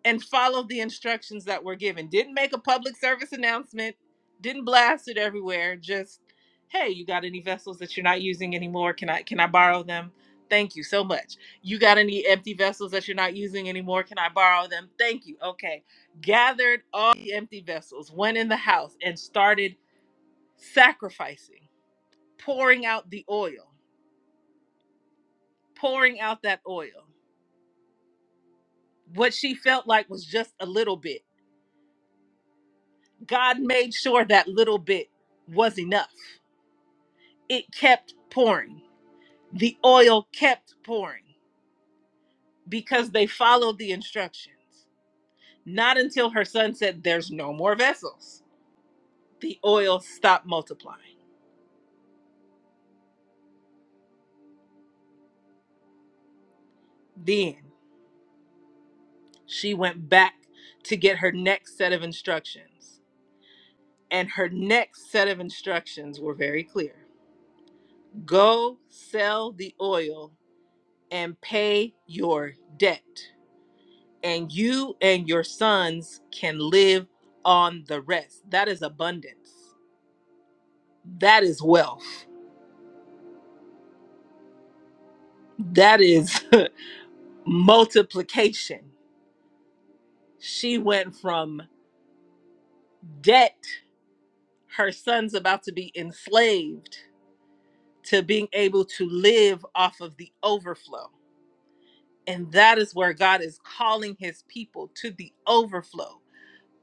Speaker 1: and followed the instructions that were given. Didn't make a public service announcement, didn't blast it everywhere. Just, hey, you got any vessels that you're not using anymore? Can I can I borrow them? Thank you so much. You got any empty vessels that you're not using anymore? Can I borrow them? Thank you. Okay. Gathered all the empty vessels, went in the house and started sacrificing, pouring out the oil, pouring out that oil. What she felt like was just a little bit God made sure that little bit was enough. It kept pouring. The oil kept pouring because they followed the instructions. Not until her son said, There's no more vessels, the oil stopped multiplying. Then she went back to get her next set of instructions. And her next set of instructions were very clear go sell the oil and pay your debt. and you and your sons can live on the rest. That is abundance. That is wealth. That is multiplication. She went from debt, her son's about to be enslaved, to being able to live off of the overflow. And that is where God is calling his people to the overflow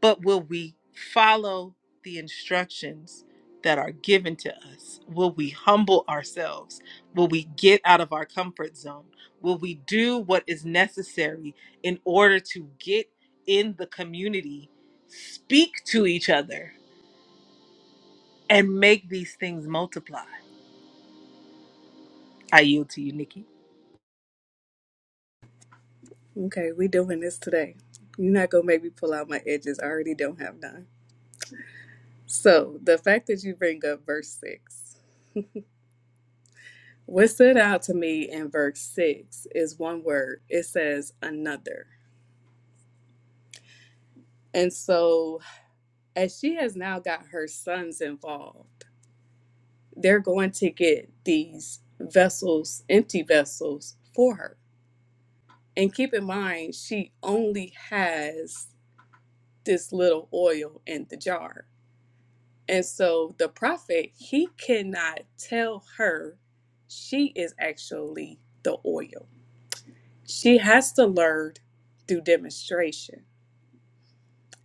Speaker 1: but will we follow the instructions that are given to us? Will we humble ourselves? Will we get out of our comfort zone? Will we do what is necessary in order to get in the community, speak to each other, and make these things multiply? I yield to you, Nikki.
Speaker 2: Okay, we doing this today. You're not gonna make me pull out my edges. I already don't have none. So the fact that you bring up verse six. What stood out to me in verse six is one word. It says another. And so as she has now got her sons involved. they're going to get these vessels, empty vessels for her. And keep in mind, she only has this little oil in the jar. And so the prophet, he cannot tell her she is actually the oil. She has to learn through demonstration.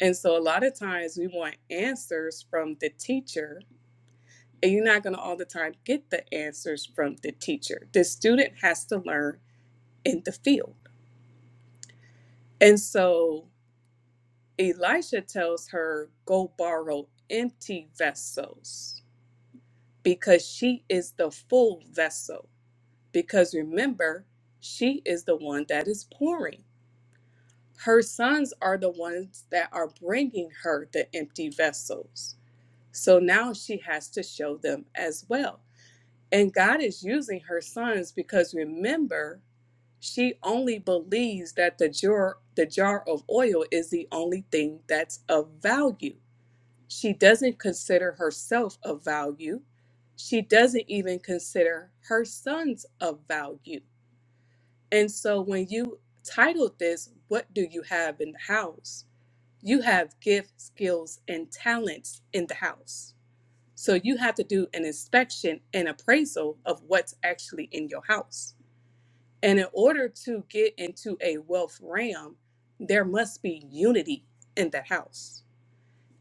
Speaker 2: And so a lot of times we want answers from the teacher, and you're not going to all the time get the answers from the teacher. The student has to learn in the field. And so Elisha tells her, Go borrow empty vessels because she is the full vessel. Because remember, she is the one that is pouring. Her sons are the ones that are bringing her the empty vessels. So now she has to show them as well. And God is using her sons because remember, she only believes that the jar, the jar of oil is the only thing that's of value. She doesn't consider herself of value. She doesn't even consider her sons of value. And so when you titled this, What Do You Have in the House? You have gifts, skills, and talents in the house. So you have to do an inspection and appraisal of what's actually in your house. And in order to get into a wealth realm, there must be unity in that house.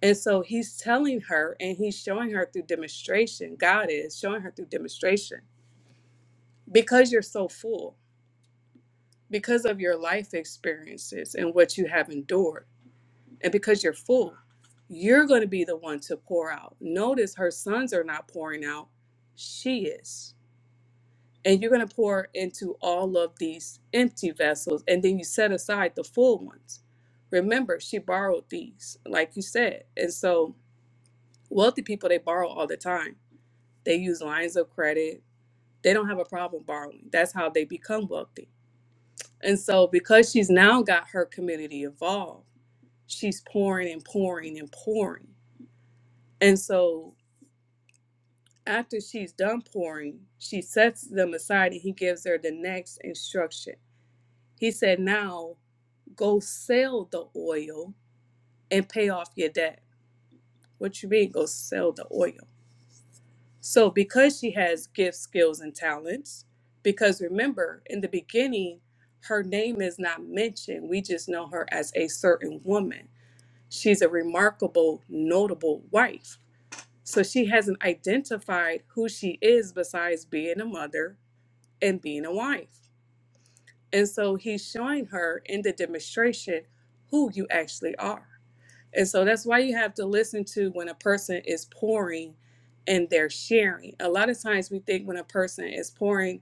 Speaker 2: And so he's telling her and he's showing her through demonstration. God is showing her through demonstration because you're so full, because of your life experiences and what you have endured, and because you're full, you're going to be the one to pour out. Notice her sons are not pouring out, she is and you're going to pour into all of these empty vessels and then you set aside the full ones remember she borrowed these like you said and so wealthy people they borrow all the time they use lines of credit they don't have a problem borrowing that's how they become wealthy and so because she's now got her community involved she's pouring and pouring and pouring and so after she's done pouring she sets them aside and he gives her the next instruction he said now Go sell the oil and pay off your debt. What you mean, go sell the oil? So, because she has gifts, skills, and talents, because remember, in the beginning, her name is not mentioned. We just know her as a certain woman. She's a remarkable, notable wife. So, she hasn't identified who she is besides being a mother and being a wife. And so, he's showing her in the demonstration who you actually are. And so that's why you have to listen to when a person is pouring and they're sharing. A lot of times we think when a person is pouring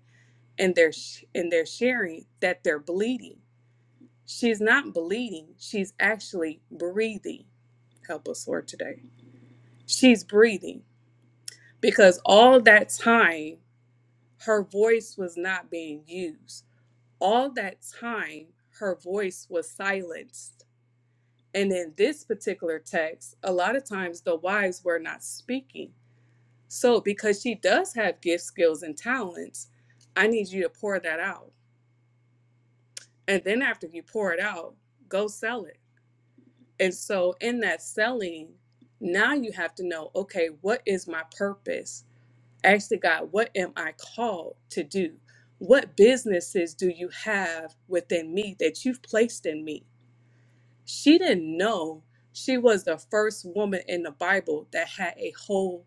Speaker 2: and they're sh- and they're sharing that they're bleeding. She's not bleeding. She's actually breathing. Help us, Lord, today. She's breathing because all that time her voice was not being used. All that time her voice was silenced And in this particular text, a lot of times the wives were not speaking. So, because she does have gifts, skills, and talents, I need you to pour that out. And then after you pour it out, go sell it. And so, in that selling, now you have to know okay, what is my purpose? Actually, God, what am I called to do? What businesses do you have within me that you've placed in me? She didn't know she was the first woman in the Bible that had a whole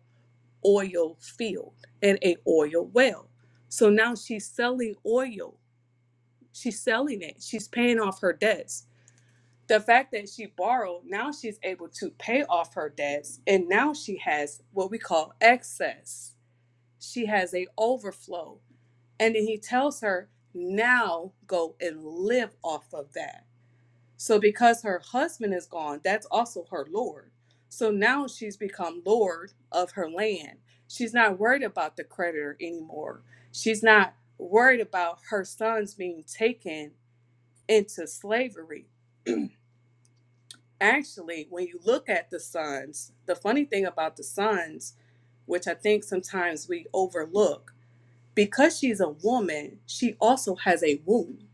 Speaker 2: oil field and a oil well. So now she's selling oil. She's selling it. She's paying off her debts. The fact that she borrowed, now she's able to pay off her debts and now she has what we call excess. She has a overflow. And then he tells her, "Now go and live off of that." So because her husband is gone, that's also her lord. So now she's become lord of her land. She's not worried about the creditor anymore. She's not worried about her sons being taken into slavery. Actually, when you look at the sons, the funny thing about the sons, which I think sometimes we overlook, because she's a woman, she also has a womb.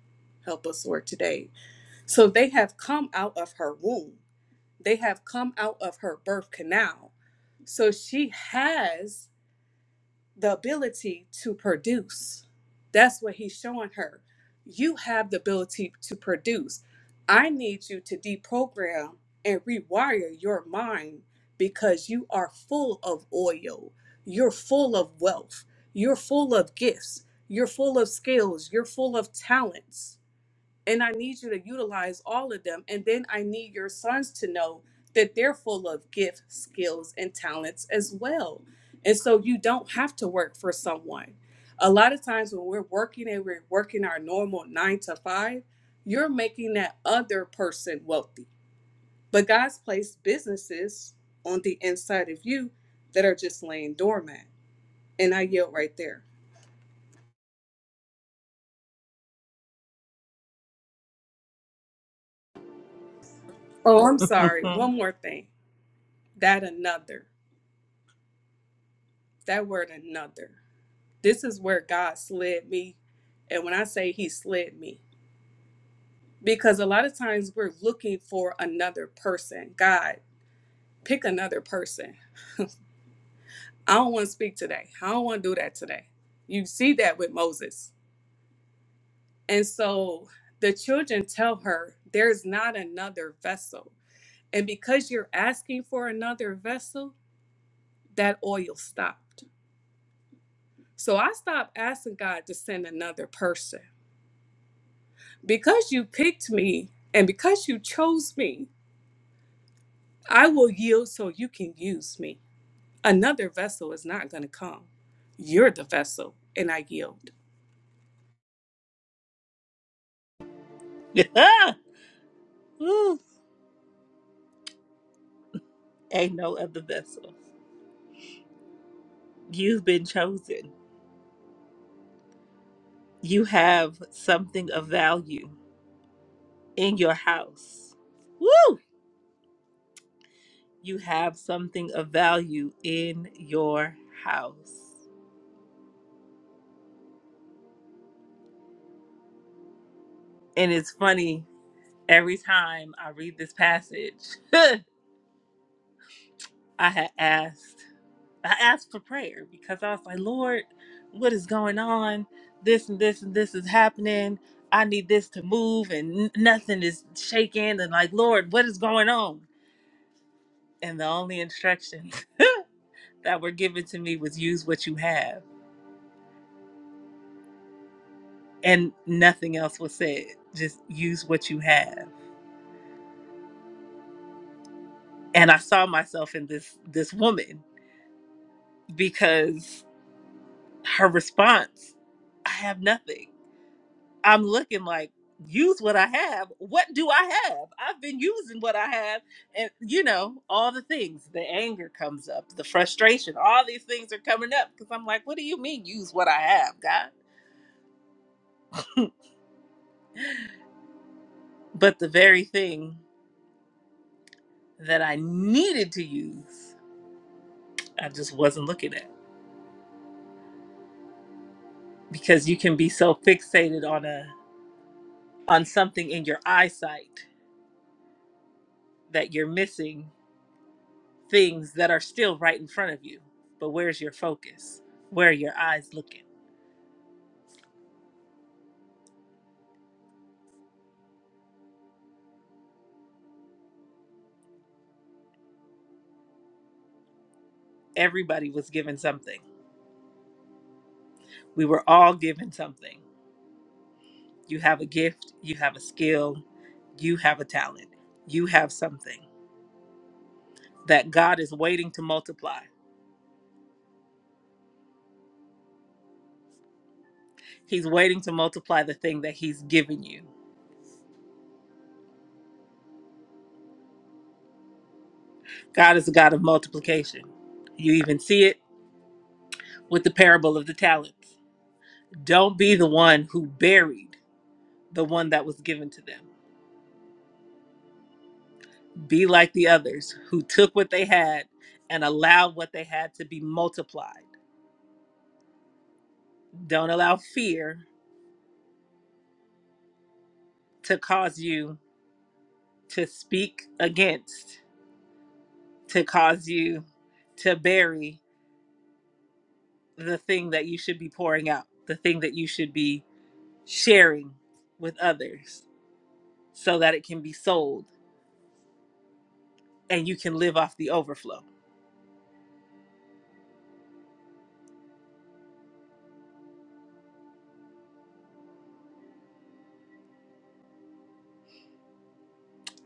Speaker 2: Help us, Lord, today. So they have come out of her womb They have come out of her birth canal. So she has the ability to produce. That's what he's showing her. You have the ability to produce. I need you to deprogram and rewire your mind because you are full of oil. You're full of wealth. You're full of gifts. You're full of skills. You're full of talents and I need you to utilize all of them. And then I need your sons to know that they're full of gifts, skills, and talents as well. And so you don't have to work for someone. A lot of times when we're working and we're working our normal nine to five, you're making that other person wealthy. But God's placed businesses on the inside of you that are just laying dormant. And I yelled right there. Oh, I'm sorry. One more thing. That another. That word another. This is where God slid me. And when I say he slid me, because a lot of times we're looking for another person. God, pick another person. I don't want to speak today. I don't want to do that today. You see that with Moses. And so the children tell her there's not another vessel. And because you're asking for another vessel, that oil stopped. So I stopped asking God to send another person. Because you picked me and because you chose me, I will yield so you can use me. Another vessel is not going to come. You're the vessel, and I yield.
Speaker 1: Yeah. Ooh, ain't no other vessel. You've been chosen. You have something of value in your house. Woo! You have something of value in your house. And it's funny, every time I read this passage, I had asked, I asked for prayer because I was like, Lord, what is going on? This and this and this is happening. I need this to move and n- nothing is shaking. And like, Lord, what is going on? And the only instruction that were given to me was use what you have. and nothing else was said just use what you have and i saw myself in this this woman because her response i have nothing i'm looking like use what i have what do i have i've been using what i have and you know all the things the anger comes up the frustration all these things are coming up because i'm like what do you mean use what i have god but the very thing that i needed to use i just wasn't looking at because you can be so fixated on a on something in your eyesight that you're missing things that are still right in front of you but where's your focus where are your eyes looking everybody was given something we were all given something you have a gift you have a skill you have a talent you have something that god is waiting to multiply he's waiting to multiply the thing that he's given you god is a god of multiplication you even see it with the parable of the talents Don't be the one who buried the one that was given to them. Be like the others who took what they had and allowed what they had to be multiplied. Don't allow fear to cause you to speak against, to cause you to bury the thing that you should be pouring out, the thing that you should be sharing with others so that it can be sold and you can live off the overflow.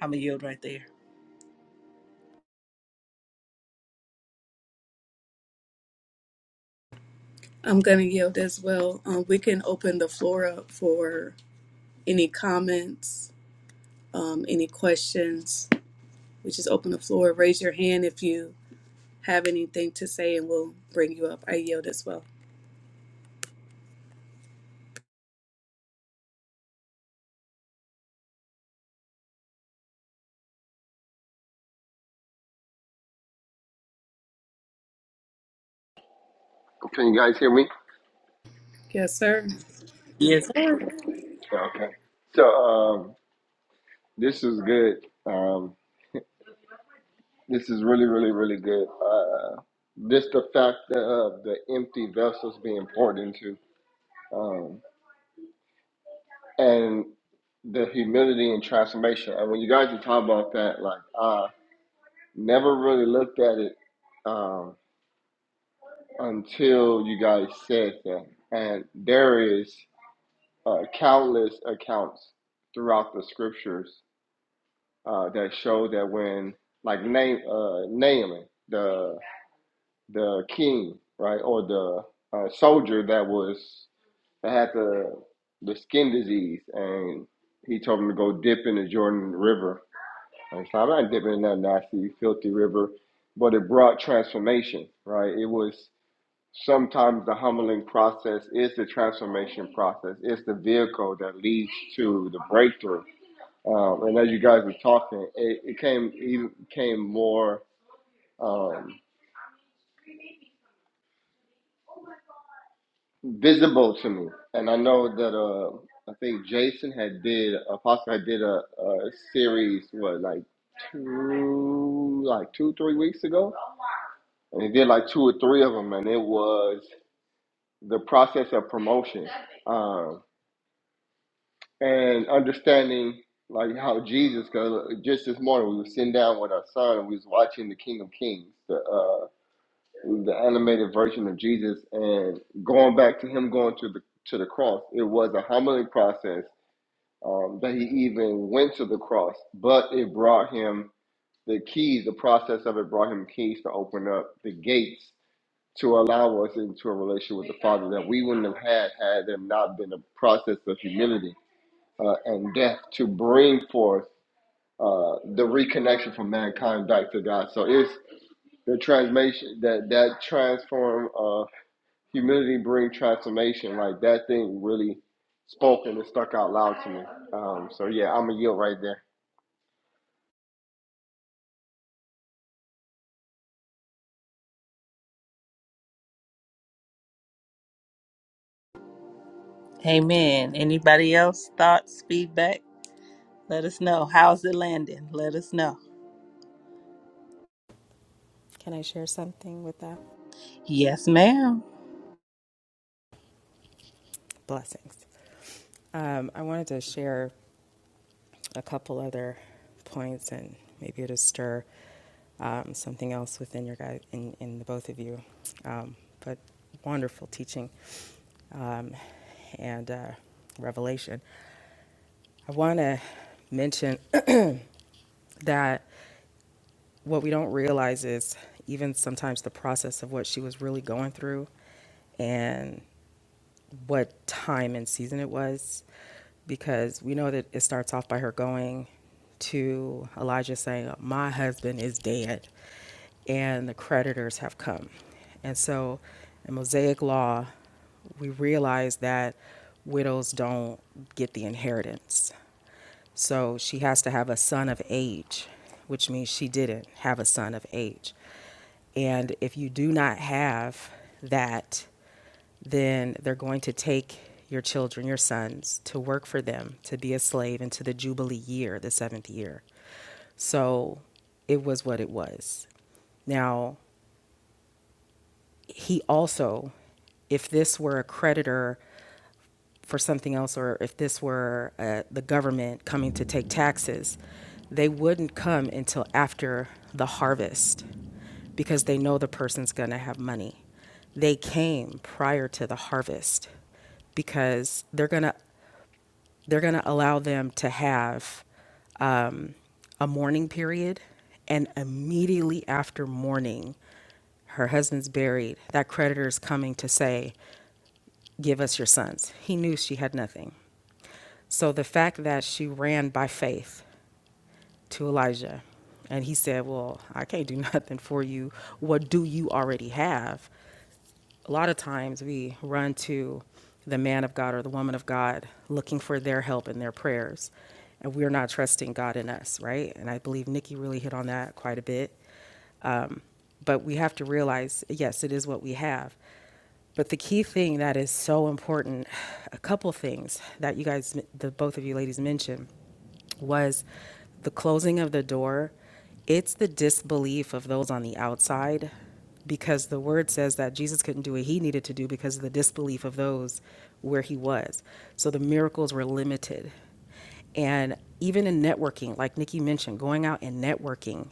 Speaker 1: I'm going to yield right there.
Speaker 2: I'm going to yield as well. Um, we can open the floor up for any comments, um, any questions. We just open the floor. Raise your hand if you have anything to say, and we'll bring you up. I yield as well.
Speaker 3: Can you guys hear me?
Speaker 2: Yes, sir.
Speaker 1: Yes, sir.
Speaker 3: Okay. So um, this is good. Um, this is really, really, really good. Uh, this the fact of the empty vessels being poured into. and the humility and transformation. And when you guys are talking about that, like I never really looked at it um, until you guys said that. And there is uh, countless accounts throughout the scriptures uh, that show that when, like Na- uh, Naaman, the the king, right, or the uh, soldier that was that had the the skin disease, and he told him to go dip in the Jordan River And so I'm not dipping in that nasty, filthy river, but it brought transformation, right? It was sometimes the humbling process is the transformation process. It's the vehicle that leads to the breakthrough. Um, and as you guys were talking, it, it came even came more um, visible to me. And I know that uh, I think Jason had did Apostle had did a, a series what like two like two three weeks ago and he did like two or three of them, and it was the process of promotion um, and understanding like how Jesus. Cause uh, just this morning we were sitting down with our son and we was watching the King of Kings, the uh, the animated version of Jesus, and going back to him going to the to the cross. It was a humbling process um, that he even went to the cross, but it brought him the keys. The process of it brought him keys to open up the gates to allow us into a relationship with the Father that we wouldn't have had had there not been a process of humility uh, and death to bring forth uh, the reconnection from mankind back to God. So it's the transformation that that transform uh, humility bring transformation. Like that thing really spoke and it stuck out loud to me. Um, so yeah, I'm a yield right there.
Speaker 1: Amen. Anybody else? Thoughts, feedback? Let us know. How's it landing? Let us know.
Speaker 4: Can I share something with that?
Speaker 1: Yes, ma'am.
Speaker 4: Blessings. Um, I wanted to share a couple other points and maybe it'll stir um, something else within your guys, in, in the both of you. Um, but wonderful teaching um, and uh, revelation. I want to mention that what we don't realize is even sometimes the process of what she was really going through. And what time and season it was because we know that it starts off by her going to Elijah saying, My husband is dead and the creditors have come. And so in Mosaic law, we realize that widows don't get the inheritance. So she has to have a son of age, which means she didn't have a son of age. And if you do not have that, then they're going to take your children, your sons, to work for them, to be a slave into the Jubilee year, the seventh year. So it was what it was. Now, he also, if this were a creditor for something else, or if this were uh, the government coming to take taxes, they wouldn't come until after the harvest because they know the person's going to have money. They came prior to the harvest because they're going to they're going to allow them to have um, a mourning period. And immediately after mourning, her husband's buried. That creditor is coming to say, Give us your sons. He knew she had nothing. So the fact that she ran by faith to Elijah and he said, Well, I can't do nothing for you. What do you already have? a lot of times we run to the man of God or the woman of God looking for their help and their prayers, and we're not trusting God in us, right? And I believe Nikki really hit on that quite a bit. But we have to realize, yes, it is what we have. But the key thing that is so important, a couple things that you guys, the both of you ladies mentioned, was the closing of the door. It's the disbelief of those on the outside because the word says that Jesus couldn't do what he needed to do because of the disbelief of those where he was. So the miracles were limited. And even in networking, like Nikki mentioned, going out and networking,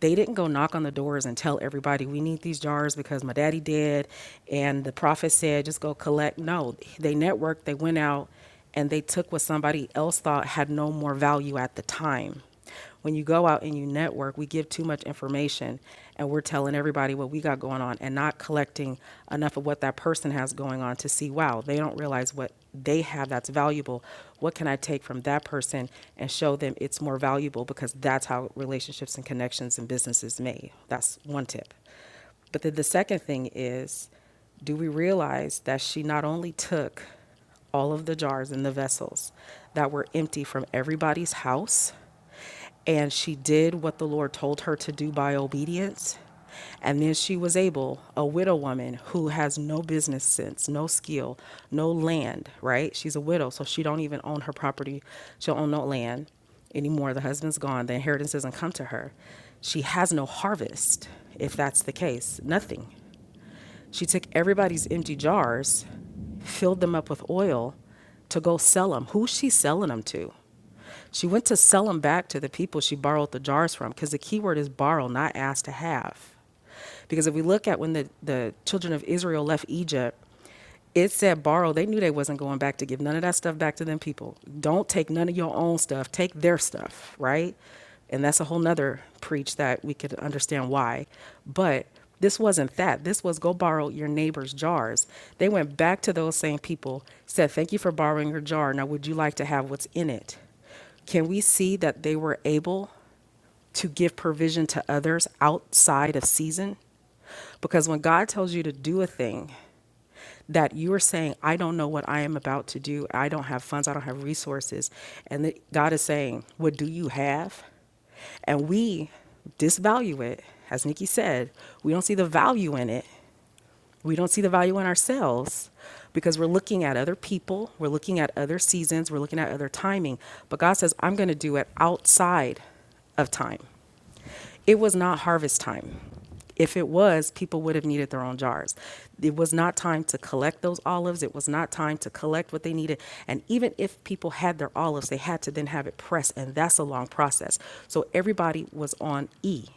Speaker 4: they didn't go knock on the doors and tell everybody we need these jars because my daddy did and the prophet said just go collect. No, they networked, they went out and they took what somebody else thought had no more value at the time. When you go out and you network, we give too much information and we're telling everybody what we got going on and not collecting enough of what that person has going on to see, wow, they don't realize what they have that's valuable. What can I take from that person and show them it's more valuable because that's how relationships and connections and businesses made. That's one tip. But then the second thing is, do we realize that she not only took all of the jars and the vessels that were empty from everybody's house, and she did what the Lord told her to do by obedience. And then she was able, a widow woman who has no business sense, no skill, no land, right? She's a widow, so she don't even own her property. She'll own no land anymore. The husband's gone. The inheritance doesn't come to her. She has no harvest, if that's the case. Nothing. She took everybody's empty jars, filled them up with oil to go sell them. Who's she selling them to? She went to sell them back to the people she borrowed the jars from because the key word is borrow, not ask to have. Because if we look at when the, the children of Israel left Egypt, it said borrow. They knew they wasn't going back to give none of that stuff back to them people. Don't take none of your own stuff. Take their stuff, right? And that's a whole nother preach that we could understand why. But this wasn't that. This was go borrow your neighbor's jars. They went back to those same people, said, Thank you for borrowing your jar. Now, would you like to have what's in it? Can we see that they were able to give provision to others outside of season. Because when God tells you to do a thing that you are saying, I don't know what I am about to do, I don't have funds, I don't have resources, and that God is saying, What do you have? And we disvalue it. As Nikki said, we don't see the value in it. We don't see the value in ourselves because we're looking at other people, we're looking at other seasons, we're looking at other timing. But God says, I'm going to do it outside of time. It was not harvest time. If it was, people would have needed their own jars. It was not time to collect those olives. It was not time to collect what they needed. And even if people had their olives, they had to then have it pressed, and that's a long process. So everybody was on E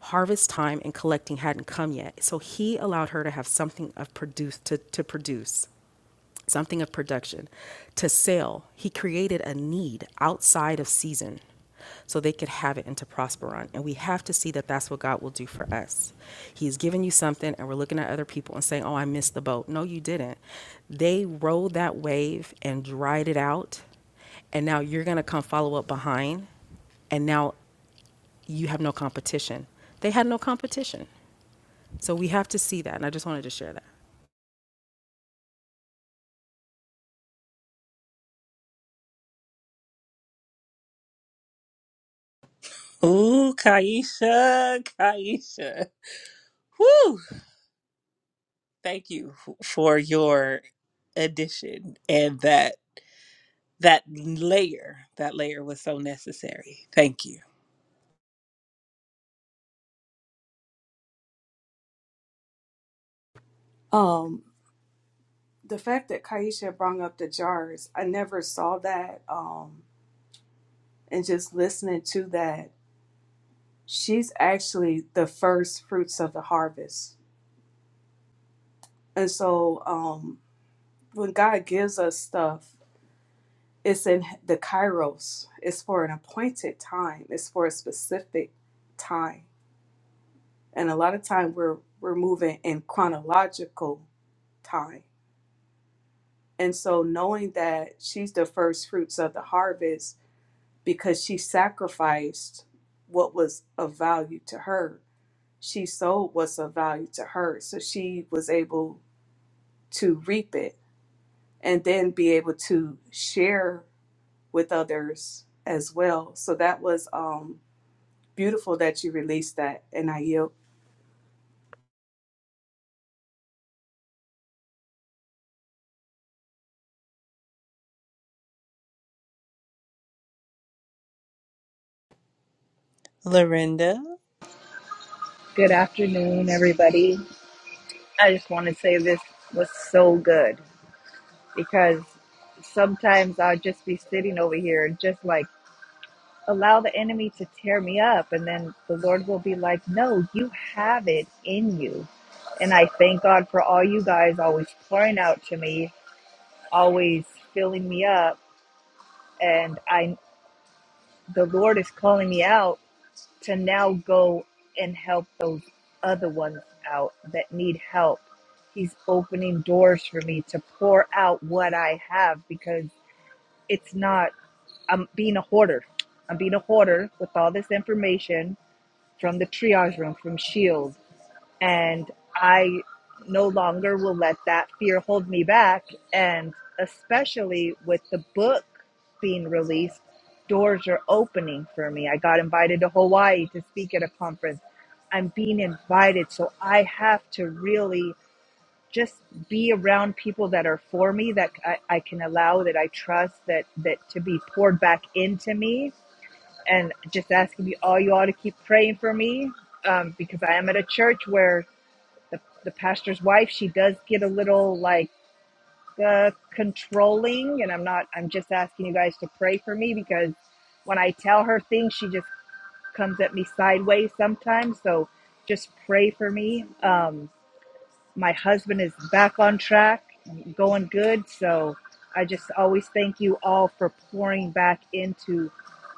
Speaker 4: harvest time and collecting hadn't come yet. So he allowed her to have something of produce to, to produce, something of production, to sell. He created a need outside of season so they could have it and to prosper on. And we have to see that that's what God will do for us. He's given you something, and we're looking at other people and saying, Oh, I missed the boat. No, you didn't. They rode that wave and dried it out. And now you're going to come follow up behind. And now you have no competition. They had no competition. So we have to see that. And I just wanted to share that.
Speaker 1: Ooh, Kaisha, Kaisha. Woo! Thank you f- for your addition and that that layer. That layer was so necessary. Thank you.
Speaker 2: Um, the fact that Kaisha brought up the jars, I never saw that. Um, and just listening to that, she's actually the first fruits of the harvest. And so um, when God gives us stuff, it's in the kairos, it's for an appointed time, it's for a specific time. And a lot of time we're we're moving in chronological time. And so knowing that she's the first fruits of the harvest because she sacrificed what was of value to her. She sold what's of value to her. So she was able to reap it and then be able to share with others as well. So that was um, beautiful that you released that, and I yield.
Speaker 1: Lorinda.
Speaker 5: Good afternoon, everybody. I just want to say this was so good because sometimes I'll just be sitting over here and just like allow the enemy to tear me up. And then the Lord will be like, No, you have it in you. And I thank God for all you guys always pouring out to me, always filling me up. And I, the Lord is calling me out to now go and help those other ones out that need help. He's opening doors for me to pour out what I have because it's not, I'm being a hoarder. I'm being a hoarder with all this information from the triage room, from Shields and I no longer will let that fear hold me back. And especially with the book being released, doors are opening for me. I got invited to Hawaii to speak at a conference. I'm being invited, so I have to really just be around people that are for me, that I, I can allow, that I trust, that that to be poured back into me. And just asking me all you all to keep praying for me, um, because I am at a church where the, the pastor's wife she does get a little like uh, controlling and i'm not i'm just asking you guys to pray for me because when i tell her things she just comes at me sideways sometimes so just pray for me um, my husband is back on track, going good. So I just always thank you all for pouring back into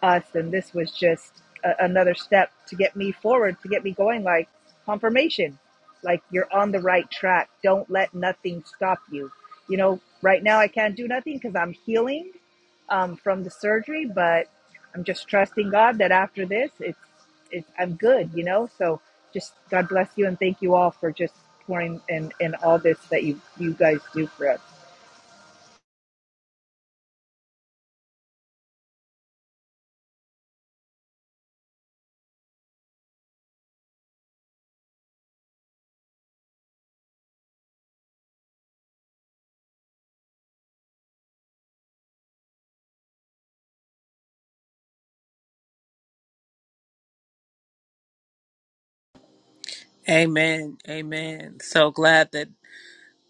Speaker 5: us. And this was just a- another step to get me forward, to get me going, like confirmation, like you're on the right track. Don't let nothing stop you. You know, right now I can't do nothing because I'm healing um, from the surgery, but I'm just trusting God that after this, it's, it's I'm good, you know. So just God bless you and thank you all for just pouring in in all this that you you guys do for us.
Speaker 1: Amen. Amen. So glad that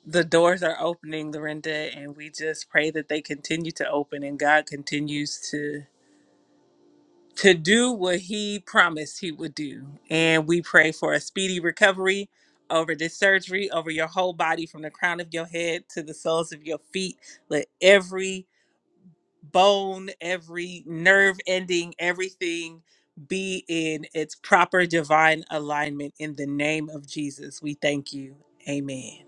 Speaker 1: the doors are opening, Lorinda, and we just pray that they continue to open and God continues to to do what he promised he would do. And we pray for a speedy recovery over this surgery, over your whole body from the crown of your head to the soles of your feet. Let every bone, every nerve ending, everything be in its proper divine alignment in the name of Jesus. We thank you. Amen.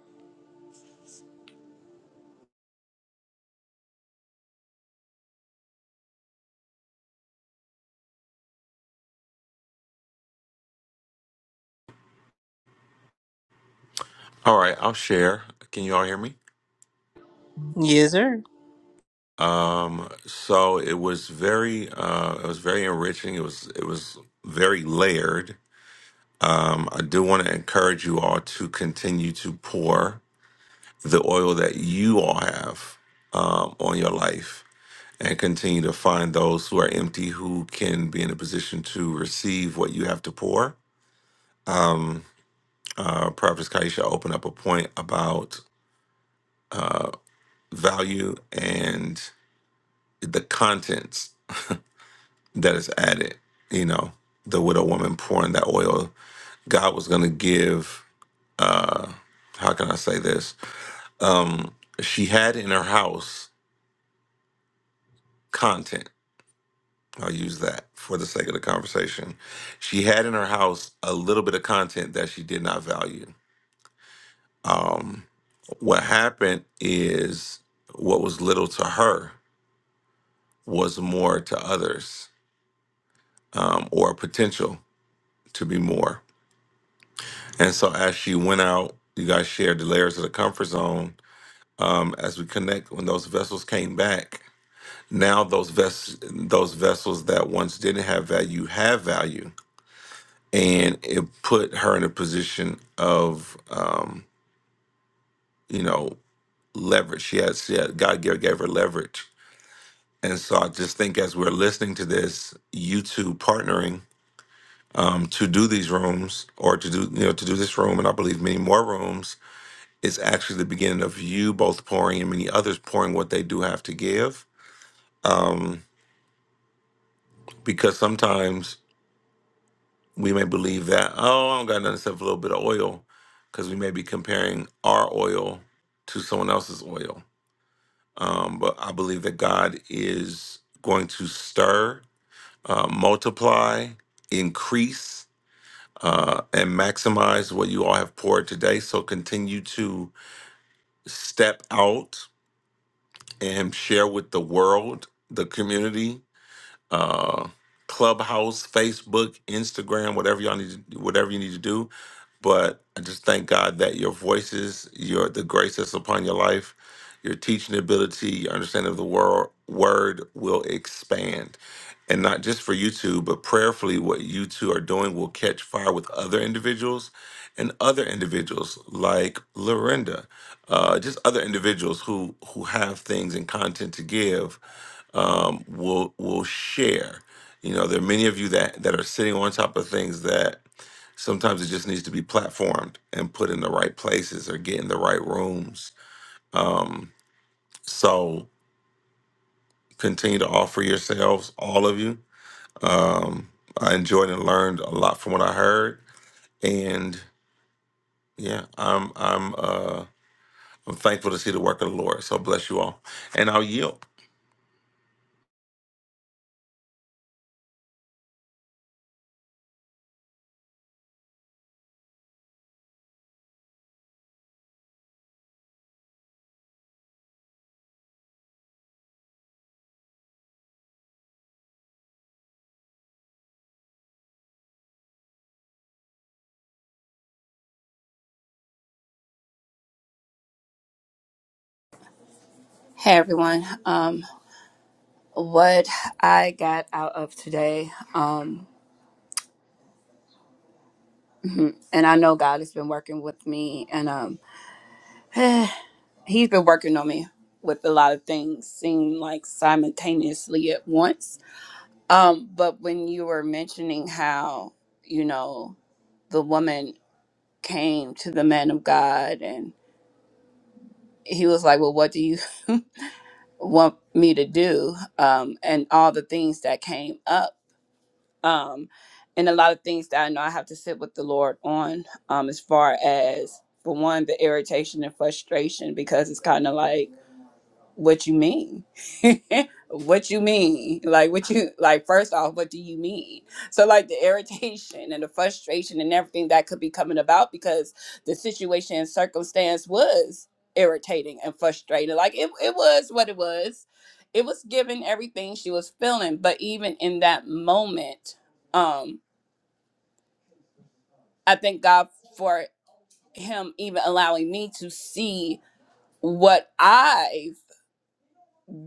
Speaker 6: All right, I'll share. Can you all hear me?
Speaker 1: Yes, sir.
Speaker 6: Um, so it was very, uh, it was very enriching. It was, it was very layered. Um, I do want to encourage you all to continue to pour the oil that you all have um, on your life, and continue to find those who are empty who can be in a position to receive what you have to pour. Uh, Prophet Kaisha opened up a point about value and the contents that is added. You know, the widow woman pouring that oil. God was going to give. Uh, how can I say this? Um, she had in her house content. I'll use that for the sake of the conversation. She had in her house a little bit of content that she did not value. Um, what happened is what was little to her was more to others um, or potential to be more. And so as you went out, you guys shared the layers of the comfort zone. Um, as we connect, when those vessels came back, now those ves- those vessels that once didn't have value have value, and it put her in a position of um, you know leverage. She had, she had God gave, gave her leverage, and so I just think as we're listening to this, you two partnering um, to do these rooms or to do you know to do this room, and I believe many more rooms is actually the beginning of you both pouring and many others pouring what they do have to give. Um, because sometimes we may believe that, oh, I don't got nothing except for a little bit of oil, because we may be comparing our oil to someone else's oil. Um, but I believe that God is going to stir, uh, multiply, increase, uh, and maximize what you all have poured today. So continue to step out and share with the world, the community, uh, Clubhouse, Facebook, Instagram, whatever y'all need, to, whatever you need to do but I just thank God that your voices, your the grace that's upon your life, your teaching ability, your understanding of the world, word will expand. And not just for you two, but prayerfully, what you two are doing will catch fire with other individuals and other individuals like Lorinda, uh, just other individuals who who have things and content to give um, will will share. You know, there are many of you that that are sitting on top of things that sometimes it just needs to be platformed and put in the right places or get in the right rooms. Um, so continue to offer yourselves, all of you. Um, I enjoyed and learned a lot from what I heard, and yeah, I'm I'm uh, I'm thankful to see the work of the Lord. So bless you all, and I'll yield.
Speaker 7: Hey everyone. Um, what I got out of today, um, and I know God has been working with me, and um, He's been working on me with a lot of things, seem like simultaneously at once. Um, but when you were mentioning how you know the woman came to the man of God, and he was like, "Well, what do you want me to do?" Um, and all the things that came up um, and a lot of things that I know I have to sit with the Lord on, um, as far as for one, the irritation and frustration because it's kind of like what you mean what you mean like what you like first off what do you mean so like the irritation and the frustration and everything that could be coming about because the situation and circumstance was irritating and frustrating like it, it was what it was it was given everything she was feeling but even in that moment um i thank god for him even allowing me to see what i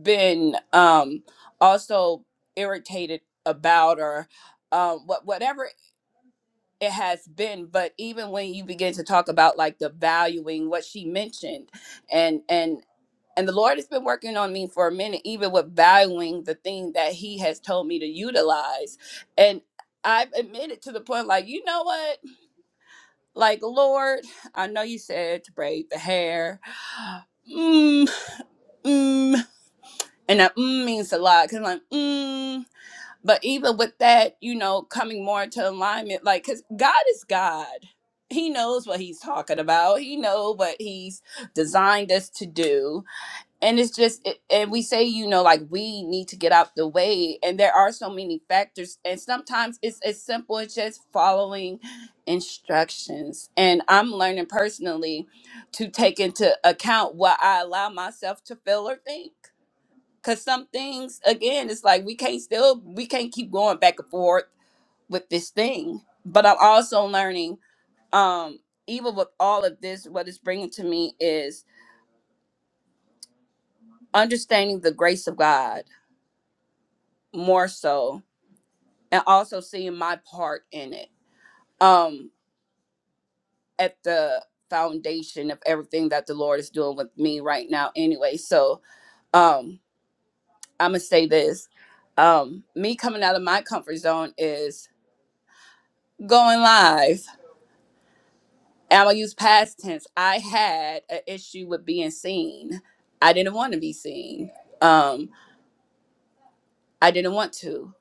Speaker 7: been um also irritated about or um what whatever it has been but even when you begin to talk about like the valuing what she mentioned and and and the lord has been working on me for a minute even with valuing the thing that he has told me to utilize and i've admitted to the point like you know what like lord i know you said to braid the hair mm, mm, and that mm means a lot because i'm like mm But even with that, you know, coming more into alignment, like, because God is God. He knows what he's talking about. He know what he's designed us to do. And it's just, it, and we say, you know, like we need to get out the way. And there are so many factors. And sometimes it's as simple as just following instructions. And I'm learning personally to take into account what I allow myself to feel or think Cause some things, again, it's like we can't still we can't keep going back and forth with this thing. But I'm also learning, um, even with all of this, what it's bringing to me is understanding the grace of God more so, and also seeing my part in it. Um, at the foundation of everything that the Lord is doing with me right now, anyway. So, um, I'm gonna say this: um, me coming out of my comfort zone is going live And I'm gonna use past tense. I had an issue with being seen. I didn't want to be seen. Um, I didn't want to,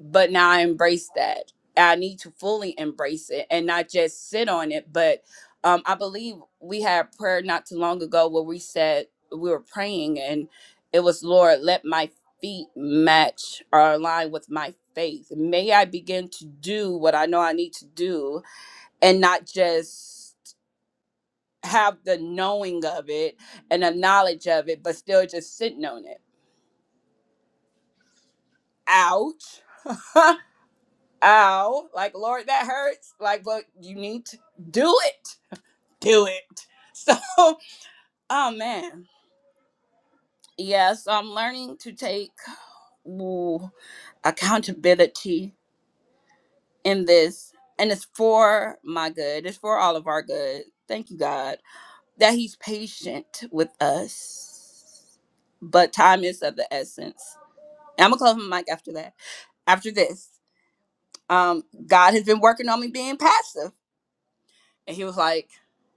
Speaker 7: but now I embrace that. I need to fully embrace it and not just sit on it. But um, I believe we had prayer not too long ago where we said we were praying and it was Lord, let my feet match or align with my faith. May I begin to do what I know I need to do and not just have the knowing of it and the knowledge of it, but still just sitting on it. Ouch. Ow. Like, Lord, that hurts. Like, but you need to do it. Do it. So, oh man. Yeah, so I'm learning to take ooh, accountability in this. And it's for my good. It's for all of our good. Thank you, God, that He's patient with us. But time is of the essence. I'm gonna close my mic after that. after this. Um, God has been working on me being passive. And he was like,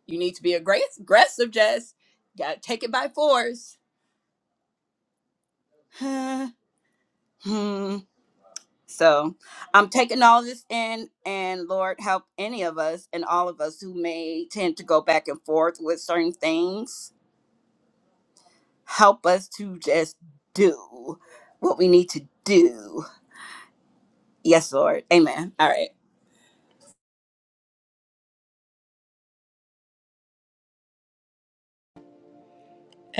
Speaker 7: You need to be aggra- aggressive, Jess. You gotta take it by force. Hmm. so I'm taking all this in, and Lord, help any of us and all of us who may tend to go back and forth with certain things. Help us to just do what we need to do. Yes, Lord. Amen. All right.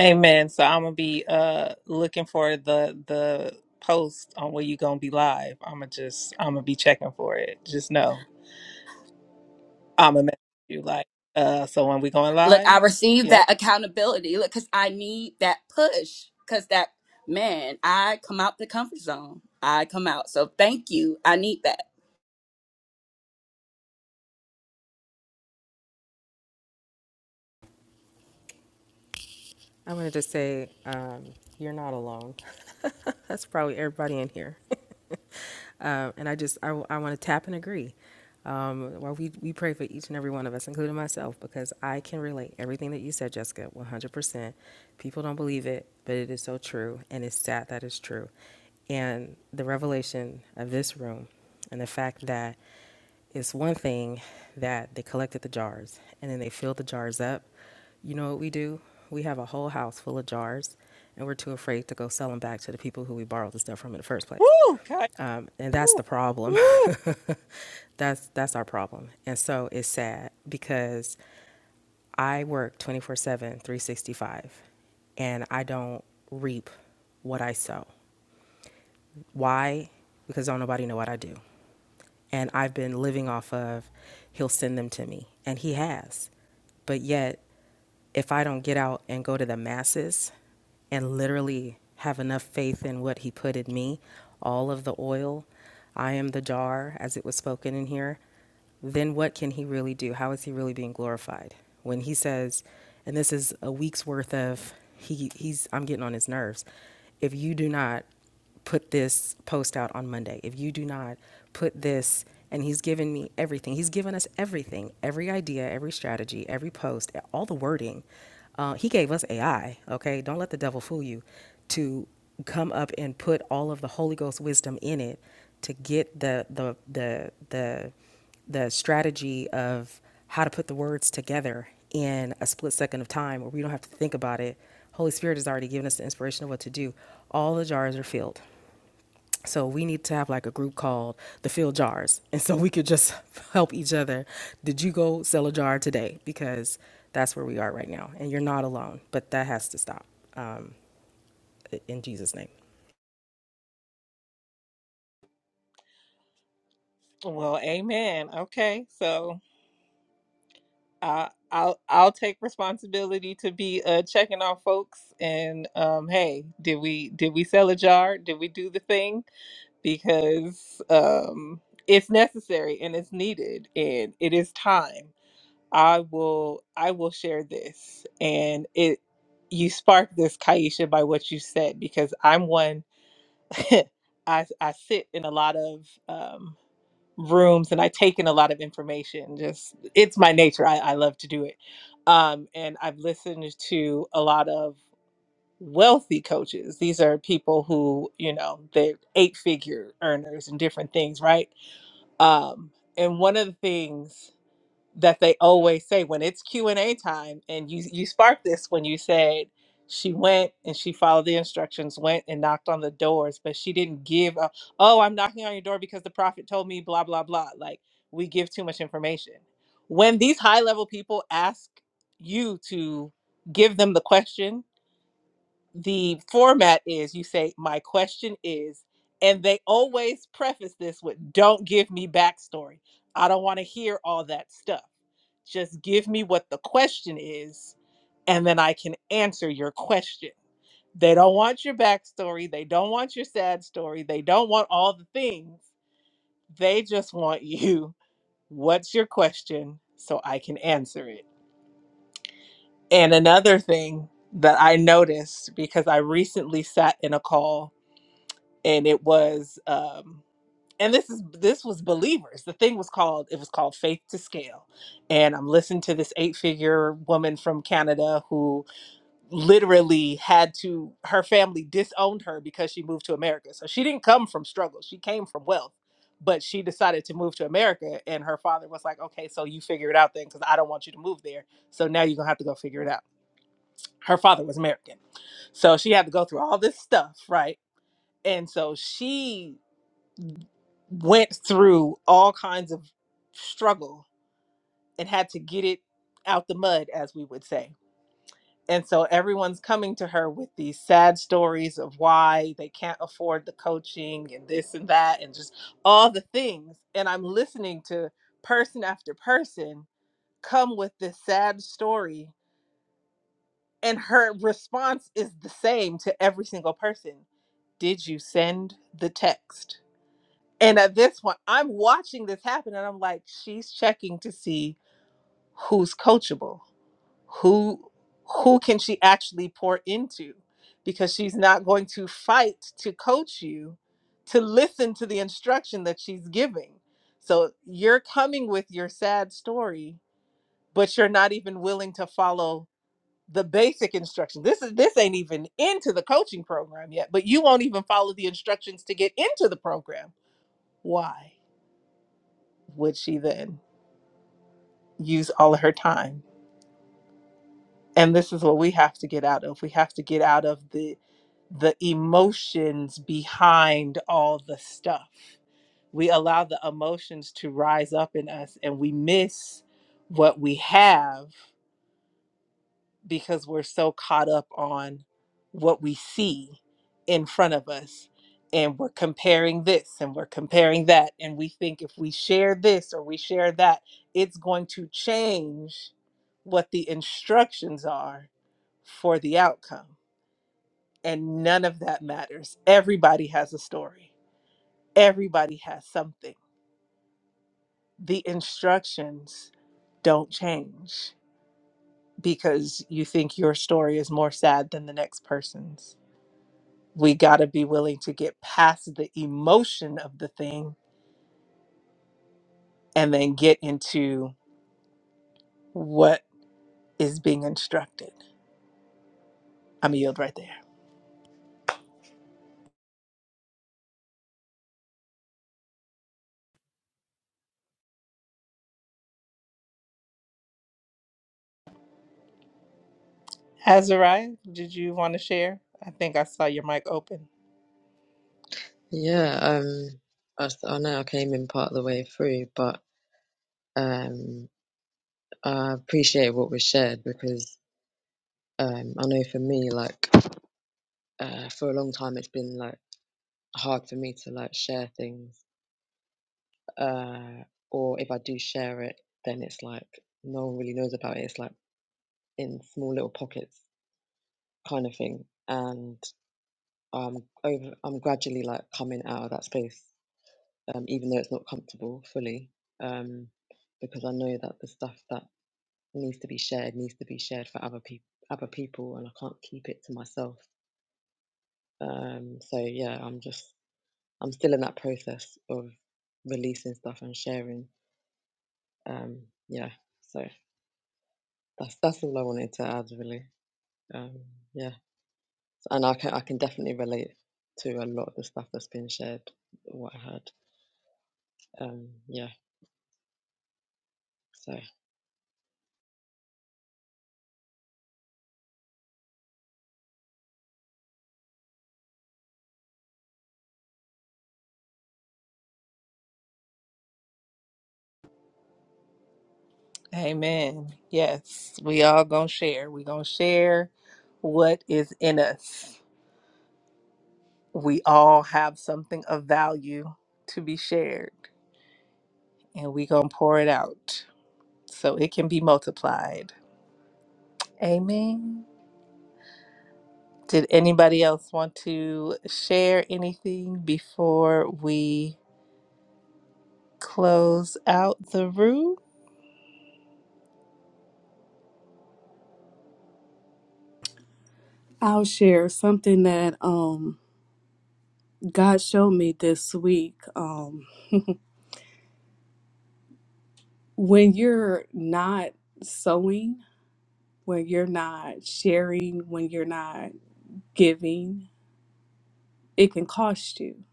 Speaker 1: Amen. So I'm gonna be uh looking for the the post on where you gonna be live. I'm gonna just I'm gonna be checking for it. Just know I'm gonna message you like uh. So when we going
Speaker 7: look i
Speaker 1: live?
Speaker 7: received that
Speaker 1: Yep.
Speaker 7: accountability look because i need that push because that man i come out the comfort zone i come out so thank you i need that
Speaker 4: I wanted to say, um, you're not alone. That's probably everybody in here. Uh, and I just, I, I want to tap and agree. Um, while we, we pray for each and every one of us, including myself, because I can relate everything that you said, Jessica, 100%. People don't believe it, but it is so true. And it's sad that it's true. And the revelation of this room and the fact that it's one thing that they collected the jars and then they filled the jars up you know what we do? We have a whole house full of jars, and we're too afraid to go sell them back to the people who we borrowed the stuff from in the first place.
Speaker 1: Woo. Kai.
Speaker 4: Um, and that's the
Speaker 1: Woo.
Speaker 4: problem.
Speaker 1: Woo.
Speaker 4: that's that's our problem. And so it's sad because I work 24/7, 365, and I don't reap what I sow. Why? Because don't nobody know what I do. And I've been living off of he'll send them to me. And he has. But yet, if I don't get out and go to the masses and literally have enough faith in what he put in me, all of the oil, I am the jar, as it was spoken in here, then what can he really do? How is he really being glorified? When he says, and this is a week's worth of he he's I'm getting on his nerves. If you do not put this post out on Monday, if you do not put this, and he's given me everything. He's given us everything, every idea, every strategy, every post, all the wording. Uh, he gave us AI, okay? Don't let the devil fool you to come up and put all of the Holy Ghost wisdom in it to get the the the the the strategy of how to put the words together in a split second of time where we don't have to think about it. Holy Spirit has already given us the inspiration of what to do. All the jars are filled. So we need to have like a group called the Filled Jars. And so we could just help each other. Did you go sell a jar today? Because that's where we are right now. And you're not alone, but that has to stop um, in Jesus' name.
Speaker 1: Well, amen. Okay, so I I'll I'll take responsibility to be uh checking on folks and um. Hey, did we did we sell a jar? Did we do the thing? because um, it's necessary and it's needed and it is time. I will I will share this and it you sparked this Kaisha by what you said because I'm one I I sit in a lot of um, rooms and I take in a lot of information just it's my nature I, I love to do it um, and I've listened to a lot of wealthy coaches. These are people who, you know, they're eight figure earners and different things, right? Um, and one of the things that they always say when it's Q and A time, and you you sparked this when you said she went and she followed the instructions, went and knocked on the doors, but she didn't give. A, oh, I'm knocking on your door because the prophet told me, blah blah blah. Like we give too much information. When these high level people ask you to give them the question the format is you say my question is and they always preface this with don't give me backstory i don't want to hear all that stuff just give me what the question is and then i can answer your question they don't want your backstory they don't want your sad story they don't want all the things they just want you what's your question so i can answer it and another thing that i noticed because i recently sat in a call and it was um and this is this was believers the thing was called it was called faith to scale and i'm listening to this eight figure woman from canada who literally had to her family disowned her because she moved to america so she didn't come from struggle she came from wealth but she decided to move to america and her father was like okay so you figure it out then because i don't want you to move there so now you're gonna have to go figure it out her father was american so she had to go through all this stuff right and so she went through all kinds of struggle and had to get it out the mud, as we would say. And so everyone's coming to her with these sad stories of why they can't afford the coaching and this and that and just all the things. And I'm listening to person after person come with this sad story. And her response is the same to every single person Did you send the text? And at this point, I'm watching this happen, and I'm like, she's checking to see who's coachable, who who can she actually pour into, because she's not going to fight to coach you, to listen to the instruction that she's giving. So you're coming with your sad story, but you're not even willing to follow the basic instruction. This is this ain't even into the coaching program yet, but you won't even follow the instructions to get into the program. Why? would she then use all of her time and this is what we have to get out of we have to get out of the the emotions behind all the stuff we allow the emotions to rise up in us and we miss what we have because we're so caught up on what we see in front of us and we're comparing this and we're comparing that and we think if we share this or we share that it's going to change what the instructions are for the outcome and none of that matters everybody has a story everybody has something the instructions don't change because you think your story is more sad than the next person's we got to be willing to get past the emotion of the thing and then get into what is being instructed. I'm a yield right there. Azariah, did you want to share? I think I saw your mic open.
Speaker 8: Yeah, um, as- I know I came in part of the way through, but um, I appreciate what was shared because um, I know for me, like uh, for a long time, it's been like hard for me to like share things, uh, or if I do share it, then it's like no one really knows about it. It's like in small little pockets kind of thing, and I'm over. I'm gradually like coming out of that space, um, even though it's not comfortable fully. Um, because I know that the stuff that needs to be shared needs to be shared for other people other people and i can't keep it to myself um so yeah i'm just i'm still in that process of releasing stuff and sharing um yeah so that's that's all i wanted to add really um yeah and i can i can definitely relate to a lot of the stuff that's been shared what i heard um yeah so
Speaker 1: Amen. Yes, we all gonna share. We gonna share what is in us. We all have something of value to be shared, and we gonna pour it out so it can be multiplied. Amen. Did anybody else want to share anything before we close out the room?
Speaker 2: I'll share something that um God showed me this week. Um when you're not sowing, when you're not sharing, when you're not giving, it can cost you.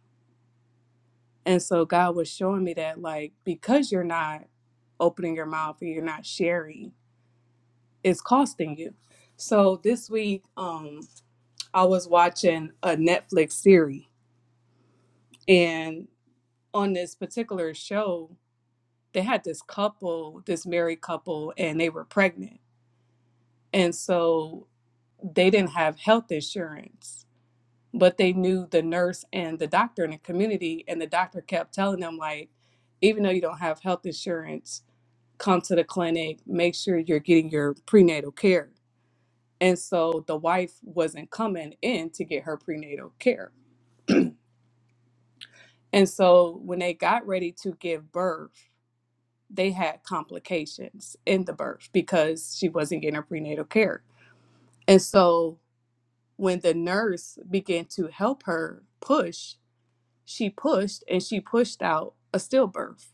Speaker 2: And so God was showing me that like because you're not opening your mouth and you're not sharing, is costing you. So this week, um, I was watching a Netflix series, and on this particular show, they had this couple, this married couple, and they were pregnant, and so they didn't have health insurance, but they knew the nurse and the doctor in the community, and the doctor kept telling them like, even though you don't have health insurance, come to the clinic, make sure you're getting your prenatal care And so the wife wasn't coming in to get her prenatal care. And so when they got ready to give birth, they had complications in the birth because she wasn't getting her prenatal care. And so when the nurse began to help her push, she pushed and she pushed out a stillbirth.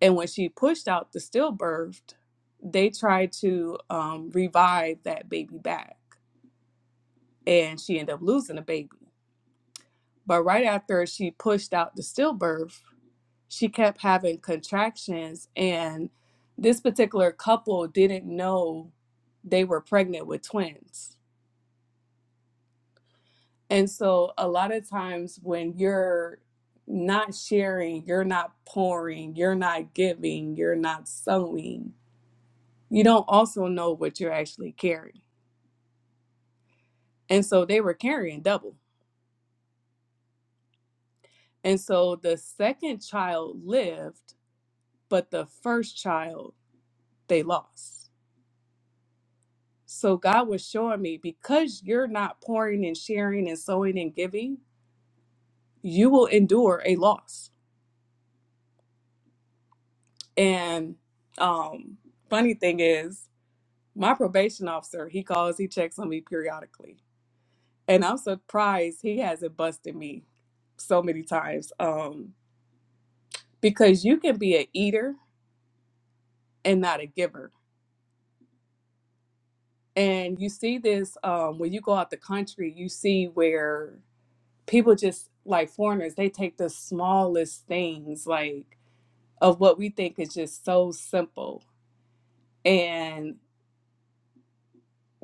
Speaker 2: And when she pushed out the stillbirth, they tried to um, revive that baby back. And she ended up losing a baby But right after she pushed out the stillbirth, she kept having contractions, and this particular couple didn't know they were pregnant with twins. And so, a lot of times when you're not sharing, you're not pouring, you're not giving, you're not sowing, you don't also know what you're actually carrying. And so, they were carrying double. And so, the second child lived, but the first child they lost. So God was showing me because you're not pouring and sharing and sowing and giving, you will endure a loss. And um funny thing is, my probation officer, he calls, he checks on me periodically. And I'm surprised he hasn't busted me so many times. Um because you can be an eater and not a giver. And you see this um when you go out the country, you see where people just like foreigners, they take the smallest things like of what we think is just so simple and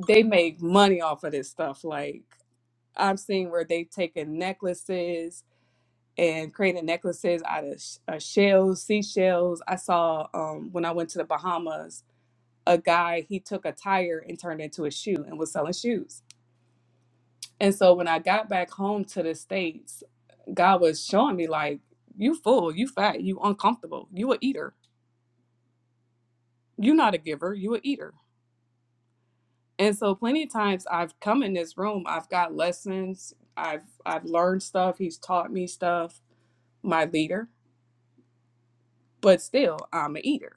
Speaker 2: they make money off of this stuff like i'm seeing where they've taken necklaces and created necklaces out of sh- uh, shells seashells i saw um, when i went to the bahamas a guy he took a tire and turned it into a shoe and was selling shoes and so when i got back home to the states god was showing me like you full you fat you uncomfortable you a eater you not a giver you a eater And so plenty of times I've come in this room, I've got lessons, I've I've learned stuff, he's taught me stuff, my leader, but still I'm an eater.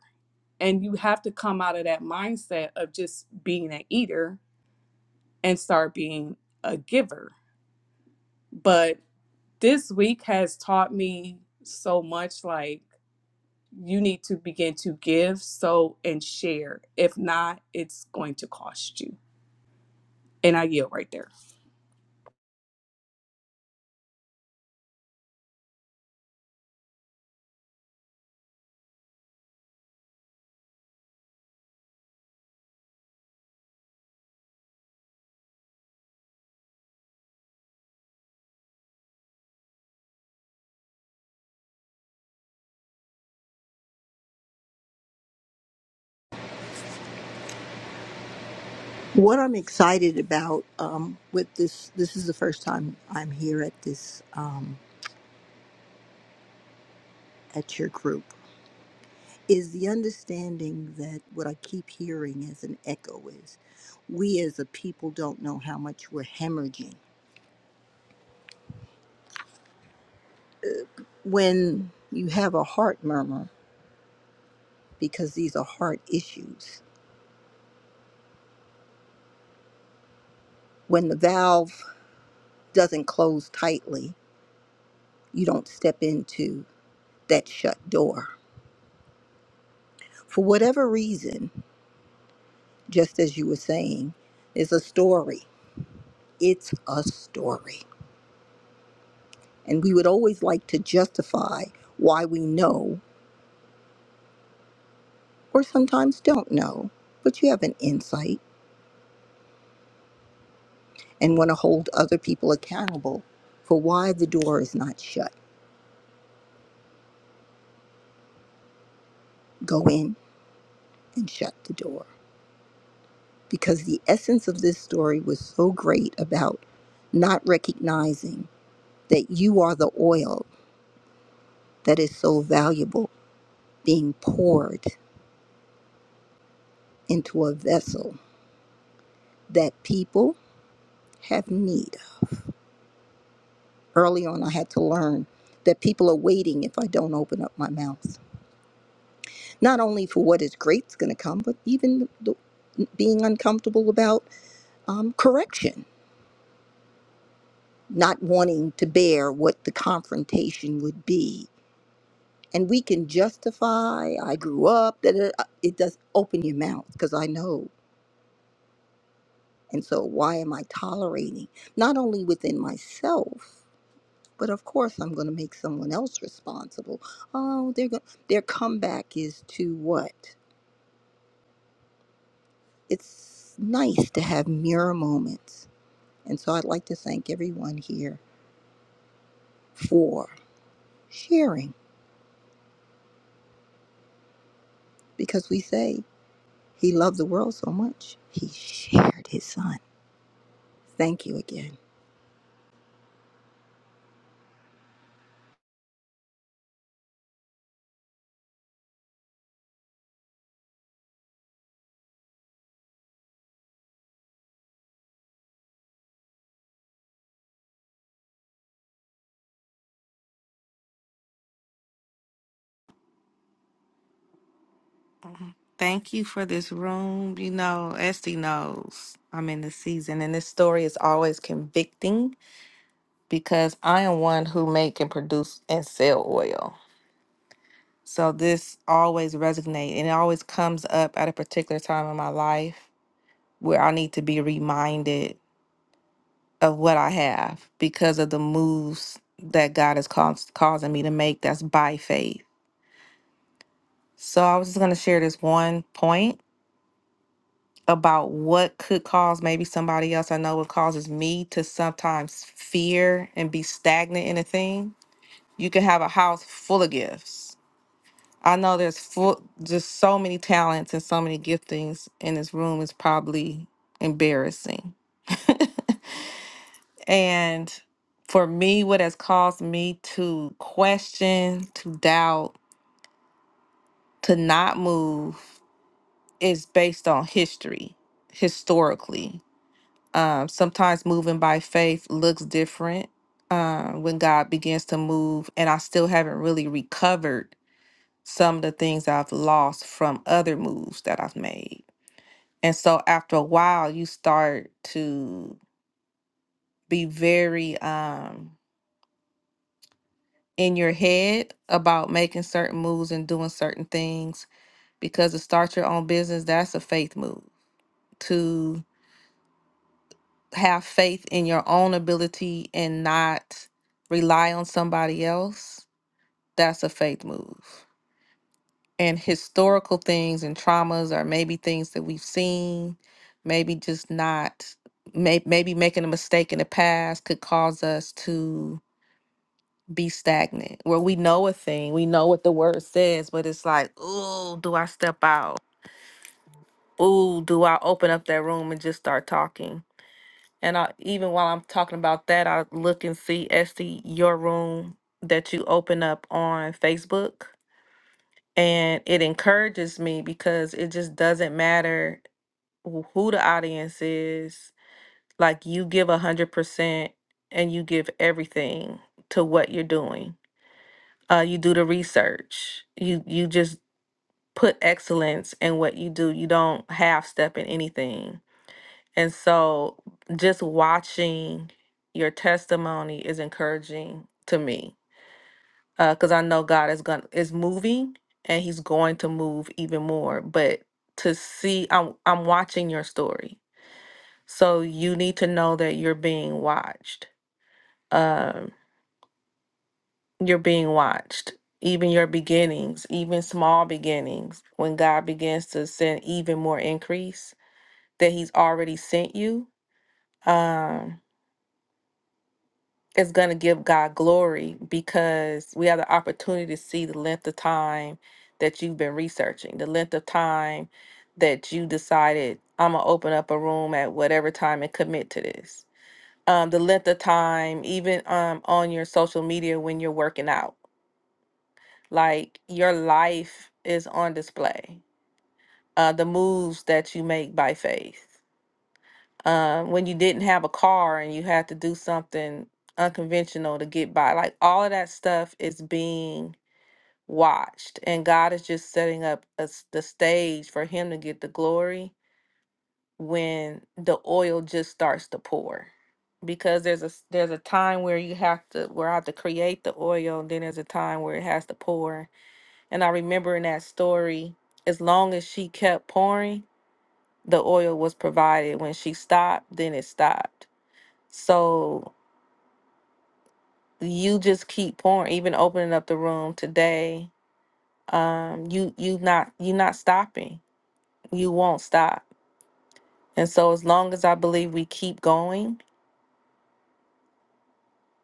Speaker 2: And you have to come out of that mindset of just being an eater and start being a giver. But this week has taught me so much like you need to begin to give, so and share. If not, it's going to cost you. And I yield right there.
Speaker 9: What I'm excited about um, with this, this is the first time I'm here at this, um, at your group, is the understanding that what I keep hearing as an echo is we as a people don't know how much we're hemorrhaging. When you have a heart murmur, because these are heart issues, when the valve doesn't close tightly, you don't step into that shut door. For whatever reason, just as you were saying, is a story It's a story. And we would always like to justify why we know or sometimes don't know, but you have an insight and want to hold other people accountable for why the door is not shut. Go in and shut the door. Because the essence of this story was so great about not recognizing that you are the oil that is so valuable being poured into a vessel that people have need Early on, I had to learn that people are waiting if I don't open up my mouth. Not only for what is great's going to come, but even the, being uncomfortable about um, correction, not wanting to bear what the confrontation would be. And we can justify, I grew up, that it, it does open your mouth because I know. And so, why am I tolerating? Not only within myself, but of course, I'm going to make someone else responsible. Oh, they're going their comeback is to what? it's nice to have mirror moments. And so I'd like to thank everyone here for sharing because we say he loved the world so much, he shared his son. Thank you again.
Speaker 10: Thank you for this room. You know, Esty knows I'm in the season, and this story is always convicting because I am one who make and produce and sell oil. So this always resonates, and it always comes up at a particular time in my life where I need to be reminded of what I have because of the moves that God is caus- causing me to make. That's by faith. So I was just gonna share this one point about what could cause maybe somebody else I know what causes me to sometimes fear and be stagnant in a thing. You can have a house full of gifts. I know there's full just so many talents and so many giftings in this room is probably embarrassing. And for me, what has caused me to question, to doubt, to not move is based on history, historically Um, sometimes moving by faith looks different um, when God begins to move, and I still haven't really recovered some of the things I've lost from other moves that I've made. And so after a while, you start to be very um, in your head about making certain moves and doing certain things because to start your own business, that's a faith move. To have faith in your own ability and not rely on somebody else, that's a faith move. And historical things and traumas or maybe things that we've seen, maybe just not, may, maybe making a mistake in the past could cause us to be stagnant where we know a thing, we know what the word says, but it's like, ooh, do I step out? Ooh, do I open up that room and just start talking? And I, even while I'm talking about that, I look and see Esty your room that you open up on Facebook, and it encourages me because it just doesn't matter wh- who the audience is. Like you give a hundred percent and you give everything to what you're doing. Uh, you do the research. You you just put excellence in what you do. You don't half step in anything And so just watching your testimony is encouraging to me because I know God is going to is moving and he's going to move even more. But to see I'm I'm watching your story. So you need to know that you're being watched. Um you're being watched. Even your beginnings, even small beginnings, when God begins to send even more increase that he's already sent you. Um is going to give God glory because we have the opportunity to see the length of time that you've been researching, the length of time that you decided, I'm going to open up a room at whatever time and commit to this. Um, the length of time, even um, on your social media when you're working out, like your life is on display. Uh, the moves that you make by faith. um, when you didn't have a car and you had to do something unconventional to get by. Like all of that stuff is being watched, and God is just setting up a s the stage for Him to get the glory when the oil just starts to pour. Because there's a s- there's a time where you have to where I have to create the oil, and then there's a time where it has to pour. And I remember in that story, as long as she kept pouring, the oil was provided. When she stopped, then it stopped so you just keep pouring, even opening up the room today. Um, you you not you not stopping. You won't stop. And so as long as I believe we keep going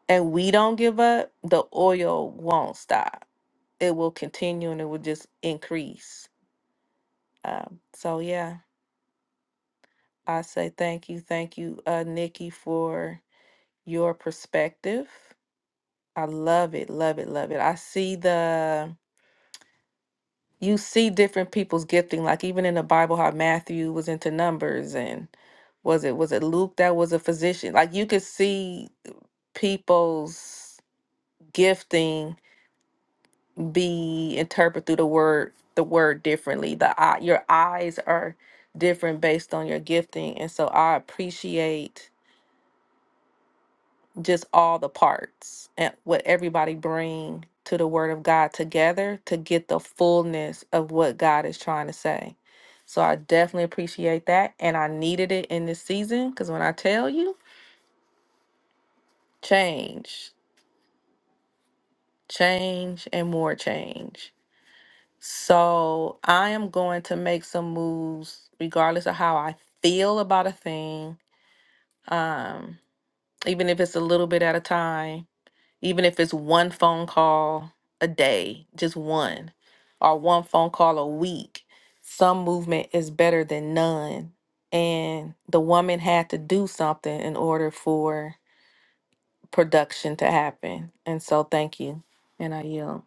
Speaker 10: and we don't give up, the oil won't stop. It will continue and it will just increase. Um, so yeah, I say thank you, thank you, uh, Nikki, for your perspective. I love it, love it, love it. I see the you see different people's gifting like even in the bible how matthew was into numbers and was it was it luke that was a physician like you could see people's gifting be interpreted through the word the word differently the eye your eyes are different based on your gifting and so i appreciate just all the parts and what everybody bring to the word of God together to get the fullness of what God is trying to say. So I definitely appreciate that and I needed it in this season cuz when I tell you change, change and more change. So I am going to make some moves regardless of how I feel about a thing. Um even if it's a little bit at a time even if it's one phone call a day, just one, or one phone call a week, some movement is better than none. And the woman had to do something in order for production to happen. And so, thank you. And I yield.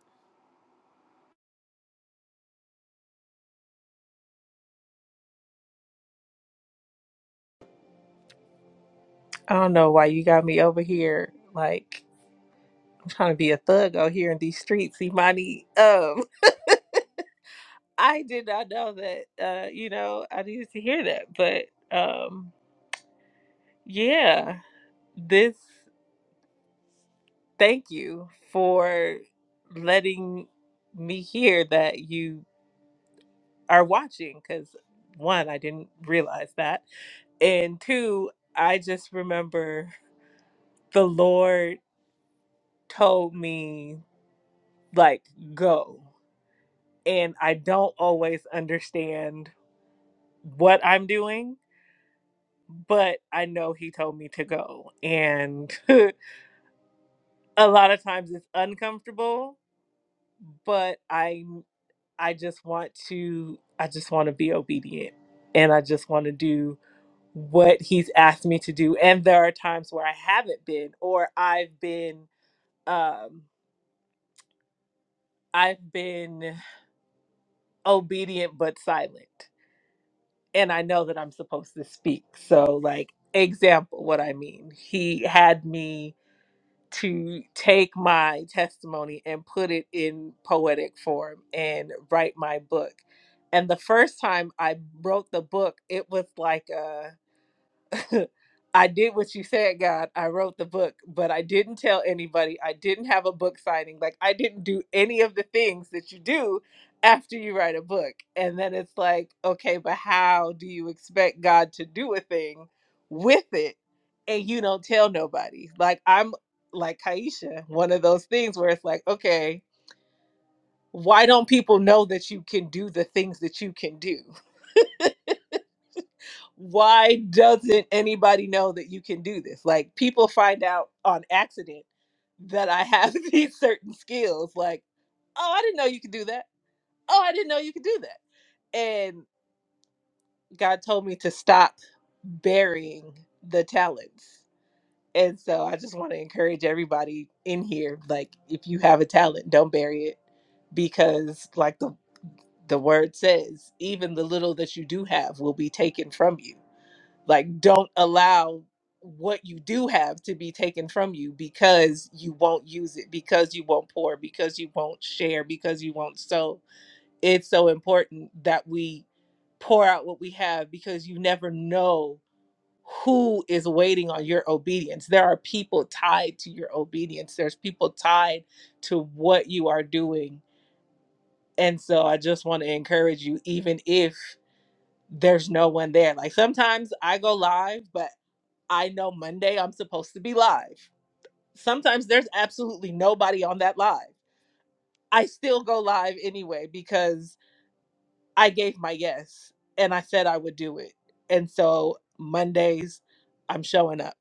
Speaker 1: I don't know why you got me over here like I'm trying to be a thug out here in these streets, Imani. Um, I did not know that. Uh, you know, I needed to hear that, but um, yeah, this. Thank you for letting me hear that you are watching because one, I didn't realize that. And two, I just remember the Lord told me, like, go. And I don't always understand what I'm doing, but I know He told me to go. And a lot of times it's uncomfortable, but I I just want to I just want to be obedient and I just want to do what he's asked me to do and there are times where i haven't been or i've been um i've been obedient but silent and i know that i'm supposed to speak so like example what i mean he had me to take my testimony and put it in poetic form and write my book and the first time i wrote the book it was like a I did what you said, God. I wrote the book, but I didn't tell anybody. I didn't have a book signing. Like, I didn't do any of the things that you do after you write a book. And then it's like, okay, but how do you expect God to do a thing with it and you don't tell nobody? Like, I'm like Kaisha, one of those things where it's like, okay, why don't people know that you can do the things that you can do? why doesn't anybody know that you can do this? Like people find out on accident that I have these certain skills. Like, oh, I didn't know you could do that. Oh, I didn't know you could do that. And God told me to stop burying the talents. And so I just want to encourage everybody in here like if you have a talent, don't bury it because like the the word says, even the little that you do have will be taken from you like don't allow what you do have to be taken from you because you won't use it because you won't pour because you won't share because you won't sow it's so important that we pour out what we have because you never know who is waiting on your obedience there are people tied to your obedience there's people tied to what you are doing and so i just want to encourage you even if there's no one there like sometimes i go live but I know Monday I'm supposed to be live. Sometimes there's absolutely nobody on that live. I still go live anyway because I gave my yes and I said I would do it. And so Mondays, I'm showing up.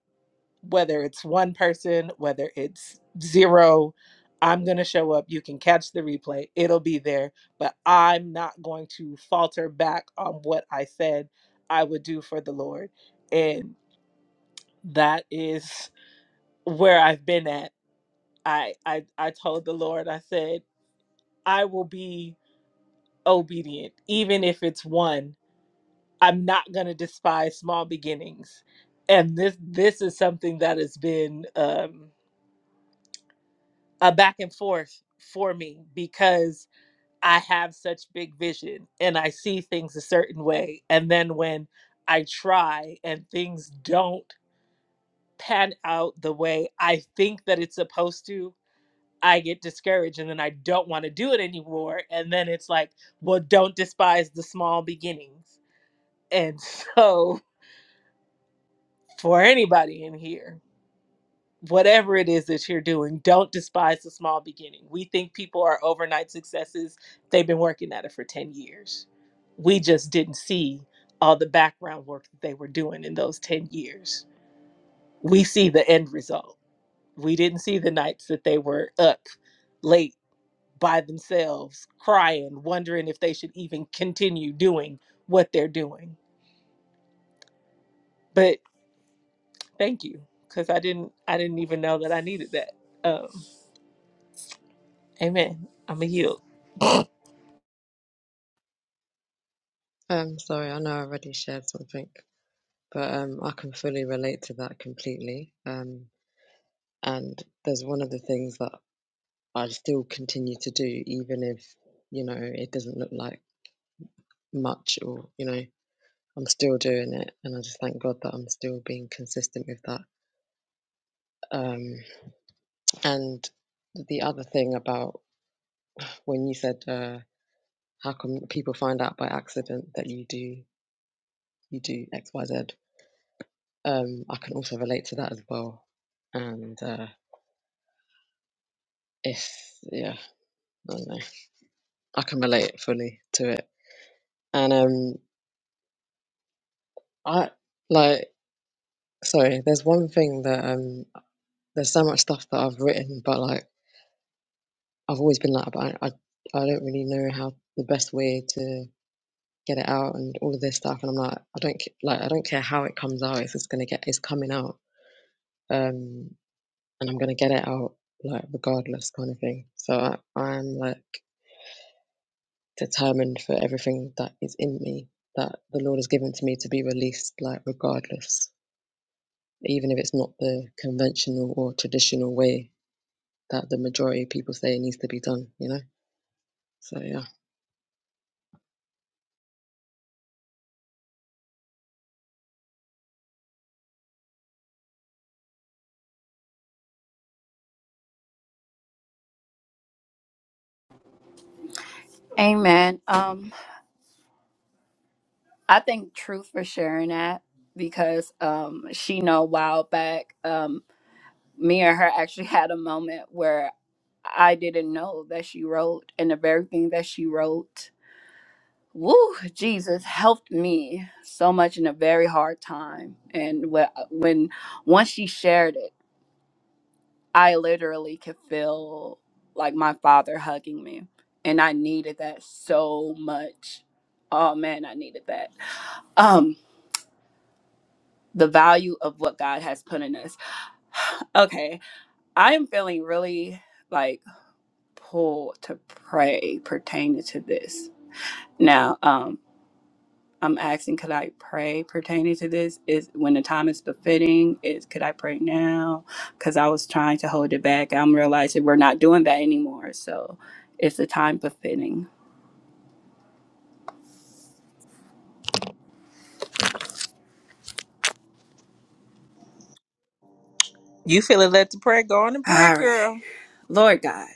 Speaker 1: Whether it's one person, whether it's zero, I'm going to show up. You can catch the replay, it'll be there. But I'm not going to falter back on what I said I would do for the Lord. And that is where I've been at I I I told the Lord, I said, I will be obedient, even if it's one. I'm not gonna despise small beginnings. And this this is something that has been um a back and forth for me because I have such big vision and I see things a certain way. And then when I try and things don't pan out the way I think that it's supposed to, I get discouraged and then I don't want to do it anymore. And then it's like, well, don't despise the small beginnings. And so, for anybody in here, whatever it is that you're doing, don't despise the small beginning. We think people are overnight successes, they've been working at it for 10 years. We just didn't see all the background work that they were doing in those 10 years. We see the end result. We didn't see the nights that they were up late by themselves, crying, wondering if they should even continue doing what they're doing. But thank you, because I didn't I didn't even know that I needed that. Um, amen. I'm a yield.
Speaker 8: um sorry i know i already shared something but um i can fully relate to that completely um and there's one of the things that I still continue to do, even if you know it doesn't look like much, or you know I'm still doing it, and I just thank God that I'm still being consistent with that. Um, and the other thing about when you said, uh, "How come people find out by accident that you do you do X Y Z? Um, I can also relate to that as well, and uh, it's yeah, I don't know, I can relate fully to it. And um, I like sorry, there's one thing that um there's so much stuff that I've written, but like I've always been like, but I, I, I don't really know how the best way to get it out and all of this stuff. And I'm like, I don't ca- like, I don't care how it comes out. If it's gonna get, it's coming out, um, and I'm gonna get it out like regardless, kind of thing. So I, I'm like determined for everything that is in me that the Lord has given to me to be released, like regardless, even if it's not the conventional or traditional way that the majority of people say it needs to be done. You know. So yeah.
Speaker 7: Amen. Um, I thank Truth for sharing that because um, she know a while back, um, me and her actually had a moment where I didn't know that she wrote and the very thing that she wrote. Woo, Jesus helped me so much in a very hard time. And when, when once she shared it, I literally could feel like my father hugging me. And I needed that so much. Oh man, I needed that. Um, the value of what God has put in us. okay, I am feeling really like pulled to pray pertaining to this. Now, Um. I'm asking, could I pray pertaining to this? Is when the time is befitting? Is could I pray now? Because I was trying to hold it back. I'm realizing we're not doing that anymore. So, it's the time befitting?
Speaker 1: You feeling led to pray? Go on and pray,
Speaker 7: All right.
Speaker 1: girl.
Speaker 7: Lord God,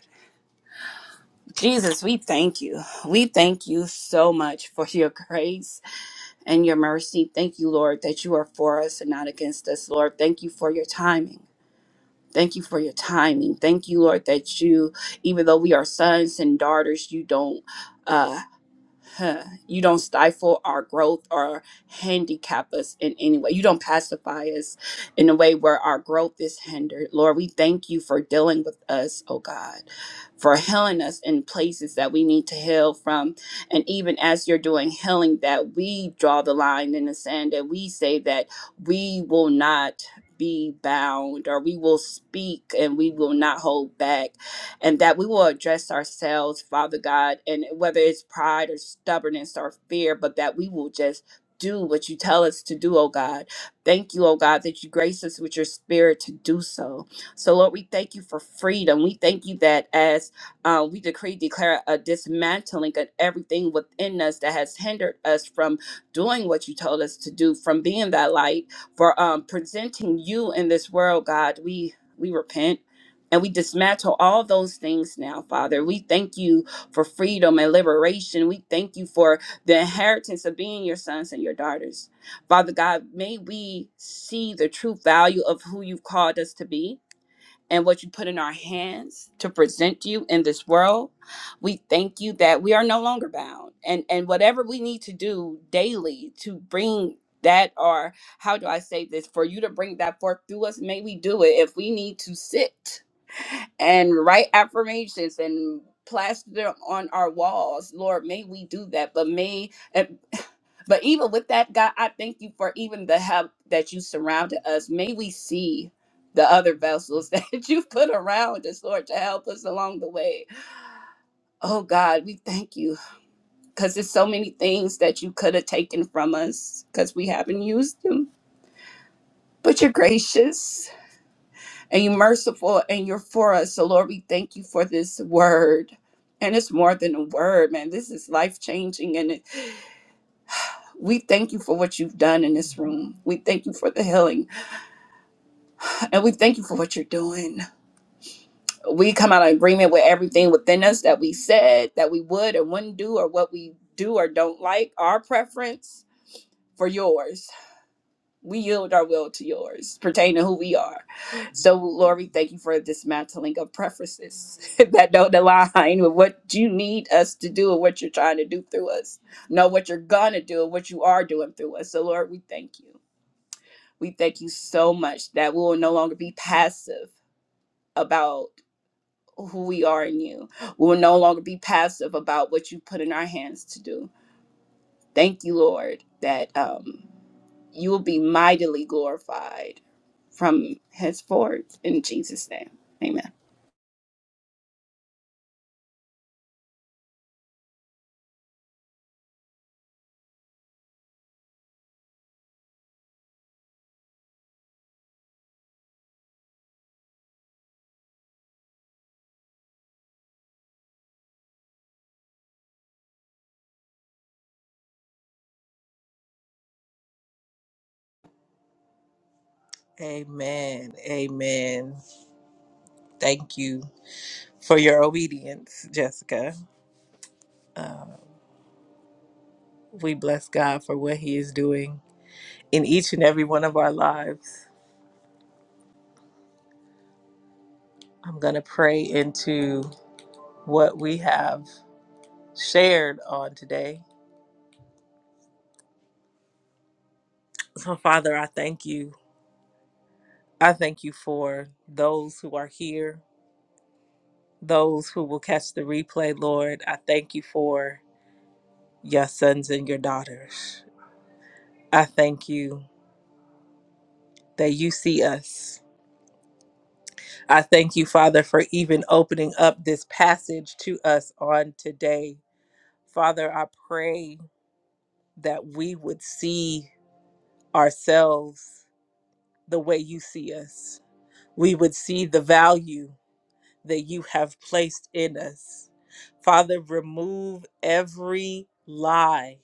Speaker 7: Jesus, we thank you. We thank you so much for your grace and your mercy. Thank you, Lord, that you are for us and not against us, Lord. Thank you for your timing. Thank you for your timing. Thank you, Lord, that you, even though we are sons and daughters, you don't. uh, huh, You don't stifle our growth or handicap us in any way. You don't pacify us in a way where our growth is hindered. Lord, we thank you for dealing with us, oh God, for healing us in places that we need to heal from. And even as you're doing healing, that we draw the line in the sand, that we say that we will not be bound or we will speak and we will not hold back and that we will address ourselves, Father God, and whether it's pride or stubbornness or fear, but that we will just do what you tell us to do, oh God. Thank you, oh God, that you grace us with your spirit to do so. So, Lord, we thank you for freedom. We thank you that as uh, we decree, declare a dismantling of everything within us that has hindered us from doing what you told us to do, from being that light, for um, presenting you in this world, God. We we repent and we dismantle all those things now, Father. We thank you for freedom and liberation. We thank you for the inheritance of being your sons and your daughters. Father God, may we see the true value of who you've called us to be and what you put in our hands to present you in this world. We thank you that we are no longer bound. And and whatever we need to do daily to bring that or how do I say this for you to bring that forth through us, may we do it if we need to sit and write affirmations and plaster them on our walls lord may we do that but may and, but even with that god i thank you for even the help that you surrounded us may we see the other vessels that you put around us lord to help us along the way oh god we thank you because there's so many things that you could have taken from us because we haven't used them but you're gracious and you're merciful and you're for us. So, Lord, we thank you for this word. And it's more than a word, man. This is life changing. And it, we thank you for what you've done in this room. We thank you for the healing. And we thank you for what you're doing. We come out of agreement with everything within us that we said, that we would or wouldn't do, or what we do or don't like, our preference for yours. we yield our will to yours pertaining to who we are. So, Lord, we thank you for dismantling of preferences that don't align with what you need us to do and what you're trying to do through us. Know what you're going to do and what you are doing through us. So, Lord, we thank you. We thank you so much that we will no longer be passive about who we are in you. We will no longer be passive about what you put in our hands to do. Thank you, Lord, that um, you will be mightily glorified from henceforth in Jesus' name. Amen.
Speaker 1: Amen. Amen. Thank you for your obedience, Jessica. We bless God for what He is doing in each and every one of our lives. I'm going to pray into what we have shared on today. So, Father, I thank you. I thank you for those who are here, those who will catch the replay, Lord. I thank you for your sons and your daughters. I thank you that you see us. I thank you, Father, for even opening up this passage to us on today. Father, I pray that we would see ourselves the way you see us. We would see the value that you have placed in us. Father, remove every lie,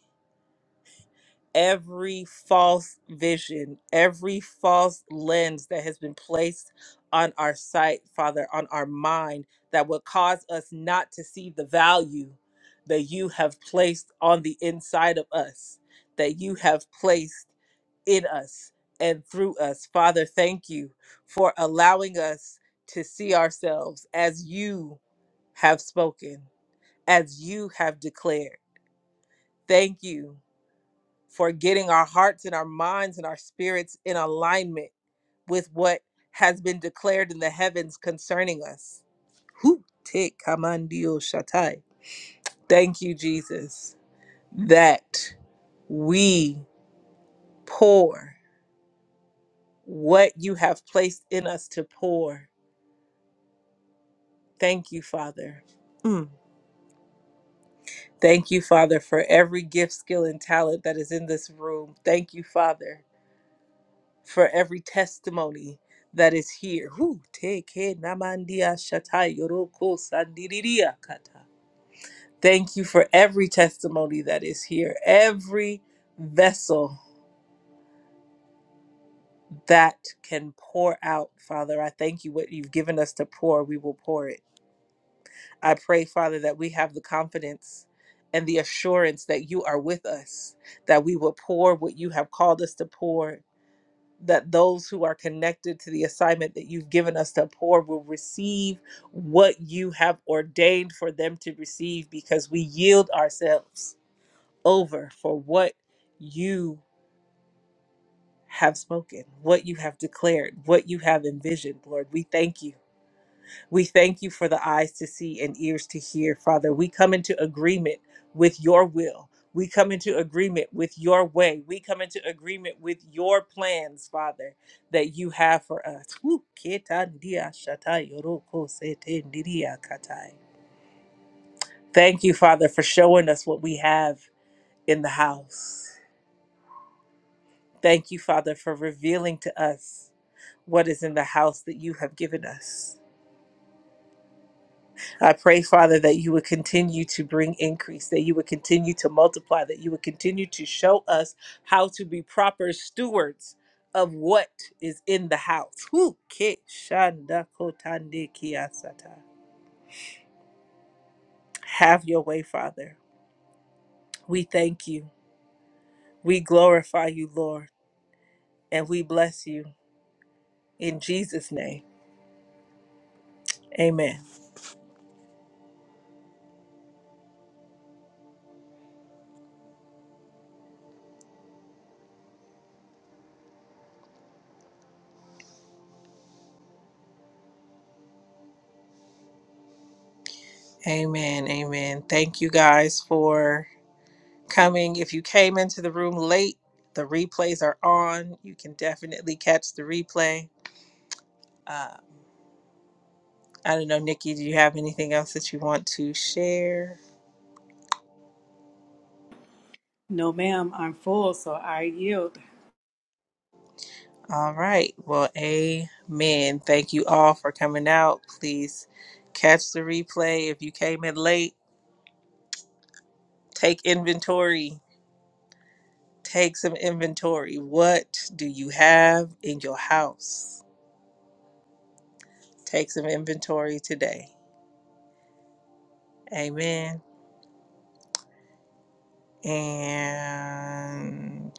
Speaker 1: every false vision, every false lens that has been placed on our sight, Father, on our mind, that would cause us not to see the value that you have placed on the inside of us, that you have placed in us and through us. Father, thank you for allowing us to see ourselves as you have spoken, as you have declared. Thank you for getting our hearts and our minds and our spirits in alignment with what has been declared in the heavens concerning us. Whew, te kamandio shatai. Thank you, Jesus, that we pour what you have placed in us to pour Thank you, Father. Mm. Thank you, Father, for every gift, skill, and talent that is in this room. Thank you, Father, for every testimony that is here. Whew. Teke namandia shatai yoroko sandiriria kata. Thank you for every testimony that is here, every vessel that can pour out, Father. I thank you what you've given us to pour, we will pour it. I pray, Father, that we have the confidence and the assurance that you are with us, that we will pour what you have called us to pour, that those who are connected to the assignment that you've given us to pour will receive what you have ordained for them to receive because we yield ourselves over for what you have spoken, what you have declared, what you have envisioned, Lord. We thank you We thank you for the eyes to see and ears to hear, Father. We come into agreement with your will. We come into agreement with your way. We come into agreement with your plans, Father, that you have for us. Woo, ketandia shatai yoroko setendiria katai. Thank you, Father, for showing us what we have in the house. Thank you, Father, for revealing to us what is in the house that you have given us. I pray, Father, that you would continue to bring increase, that you would continue to multiply, that you would continue to show us how to be proper stewards of what is in the house. Whew. Ke- shanda kotande kiasata. Have your way, Father. We thank you. We glorify you, Lord, and we bless you in Jesus' name. Amen. Amen. Amen. Thank you guys for coming. If you came into the room late, the replays are on. You can definitely catch the replay. Uh, I don't know, Nikki, do you have anything else that you want to share? All right. Well, amen. Thank you all for coming out. Please catch the replay. If you came in late, take inventory. Take some inventory. What do you have in your house? Take some inventory today. Amen. And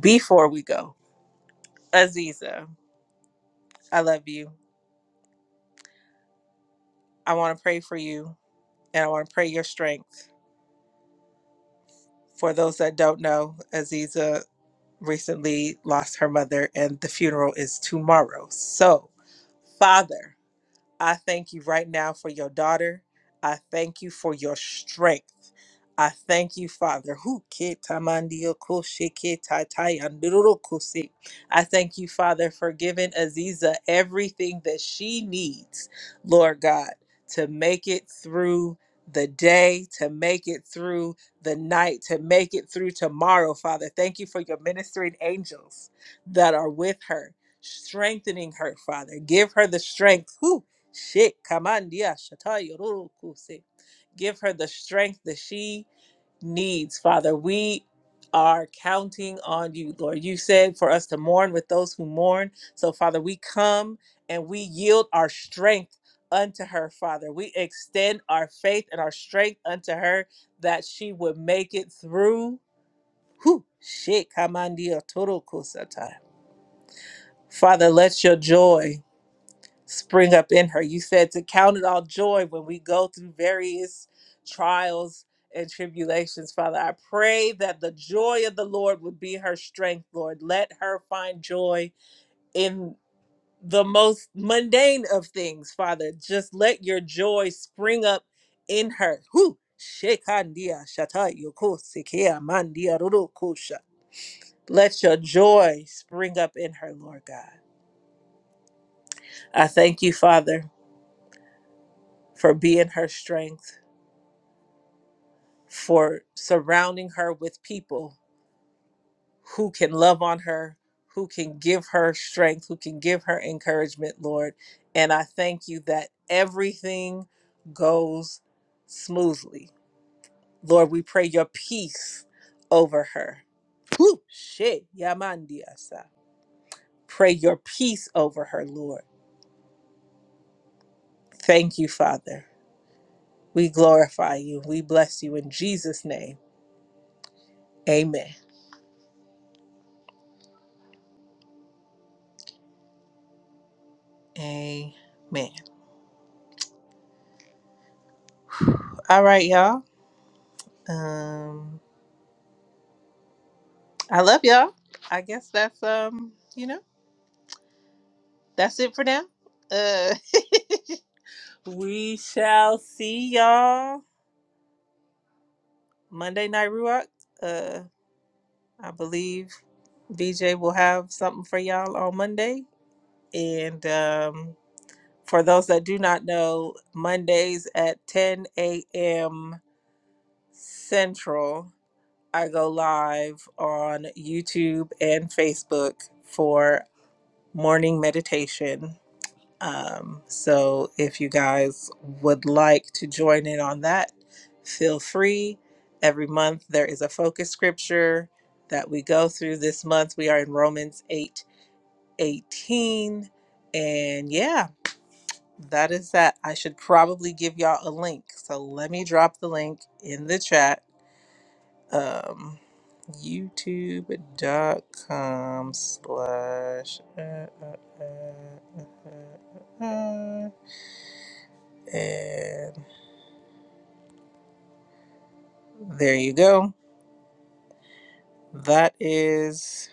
Speaker 1: Before we go, Aziza, I love you. I want to pray for you and I want to pray your strength. For those that don't know, Aziza recently lost her mother and the funeral is tomorrow. So, Father, I thank you right now for your daughter. I thank you for your strength. I thank you, Father. Who ke tamandio ko she ke tai tai andururu ko se. I thank you, Father, for giving Aziza everything that she needs, Lord God, to make it through the day, to make it through the night, to make it through tomorrow, Father. Thank you for your ministering angels that are with her strengthening her, Father. Give her the strength. Whew, Shit, kamandia shataya rurukuse. Give her the strength that she needs, Father. We are counting on you, Lord. You said for us to mourn with those who mourn. So, Father, we come and we yield our strength unto her, Father. We extend our faith and our strength unto her that she would make it through. Whew. Shit, kamandia turukusata. Father, let your joy spring up in her. You said to count it all joy when we go through various trials and tribulations, Father. I pray that the joy of the Lord would be her strength, Lord. Let her find joy in the most mundane of things, Father. Just let your joy spring up in her. Whew. Shekandia shata yoko sekeya mandia roro kosha. Let your joy spring up in her, Lord God. I thank you, Father, for being her strength. for surrounding her with people who can love on her, who can give her strength, who can give her encouragement, Lord. And I thank you that everything goes smoothly. Lord, we pray your peace over her. Whew, shit, yamandiasa. Pray your peace over her, Lord. Thank you, Father. We glorify you. We bless you in Jesus' name. Amen. Amen. All right, y'all. Um, I love y'all. I guess that's um, you know, that's it for now. Uh, we shall see y'all Monday night Ruach. Uh, I believe VJ will have something for y'all on Monday. And um, for those that do not know, Mondays at 10 a.m. Central, I go live on YouTube and Facebook for morning meditation Um, so if you guys would like to join in on that, feel free. Every month there is a focus scripture that we go through. This month we are in Romans 8 18, And yeah, that is that. I should probably give y'all a link. So let me drop the link in the chat. Um, youtube dot com slash uh, uh, uh, uh, uh, uh, And there you go. That is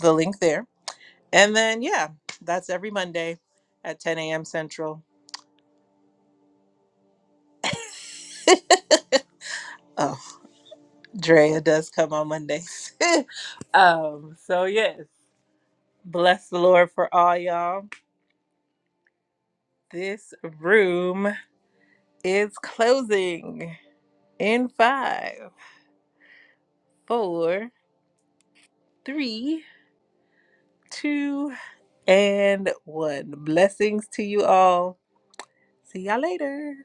Speaker 1: the link there. And then, yeah, that's every Monday at 10 a.m. Central. Oh, Drea does come on Mondays. um, so yes, bless the Lord for all y'all. This room is closing in five, four, three, two, and one. Blessings to you all. See y'all later.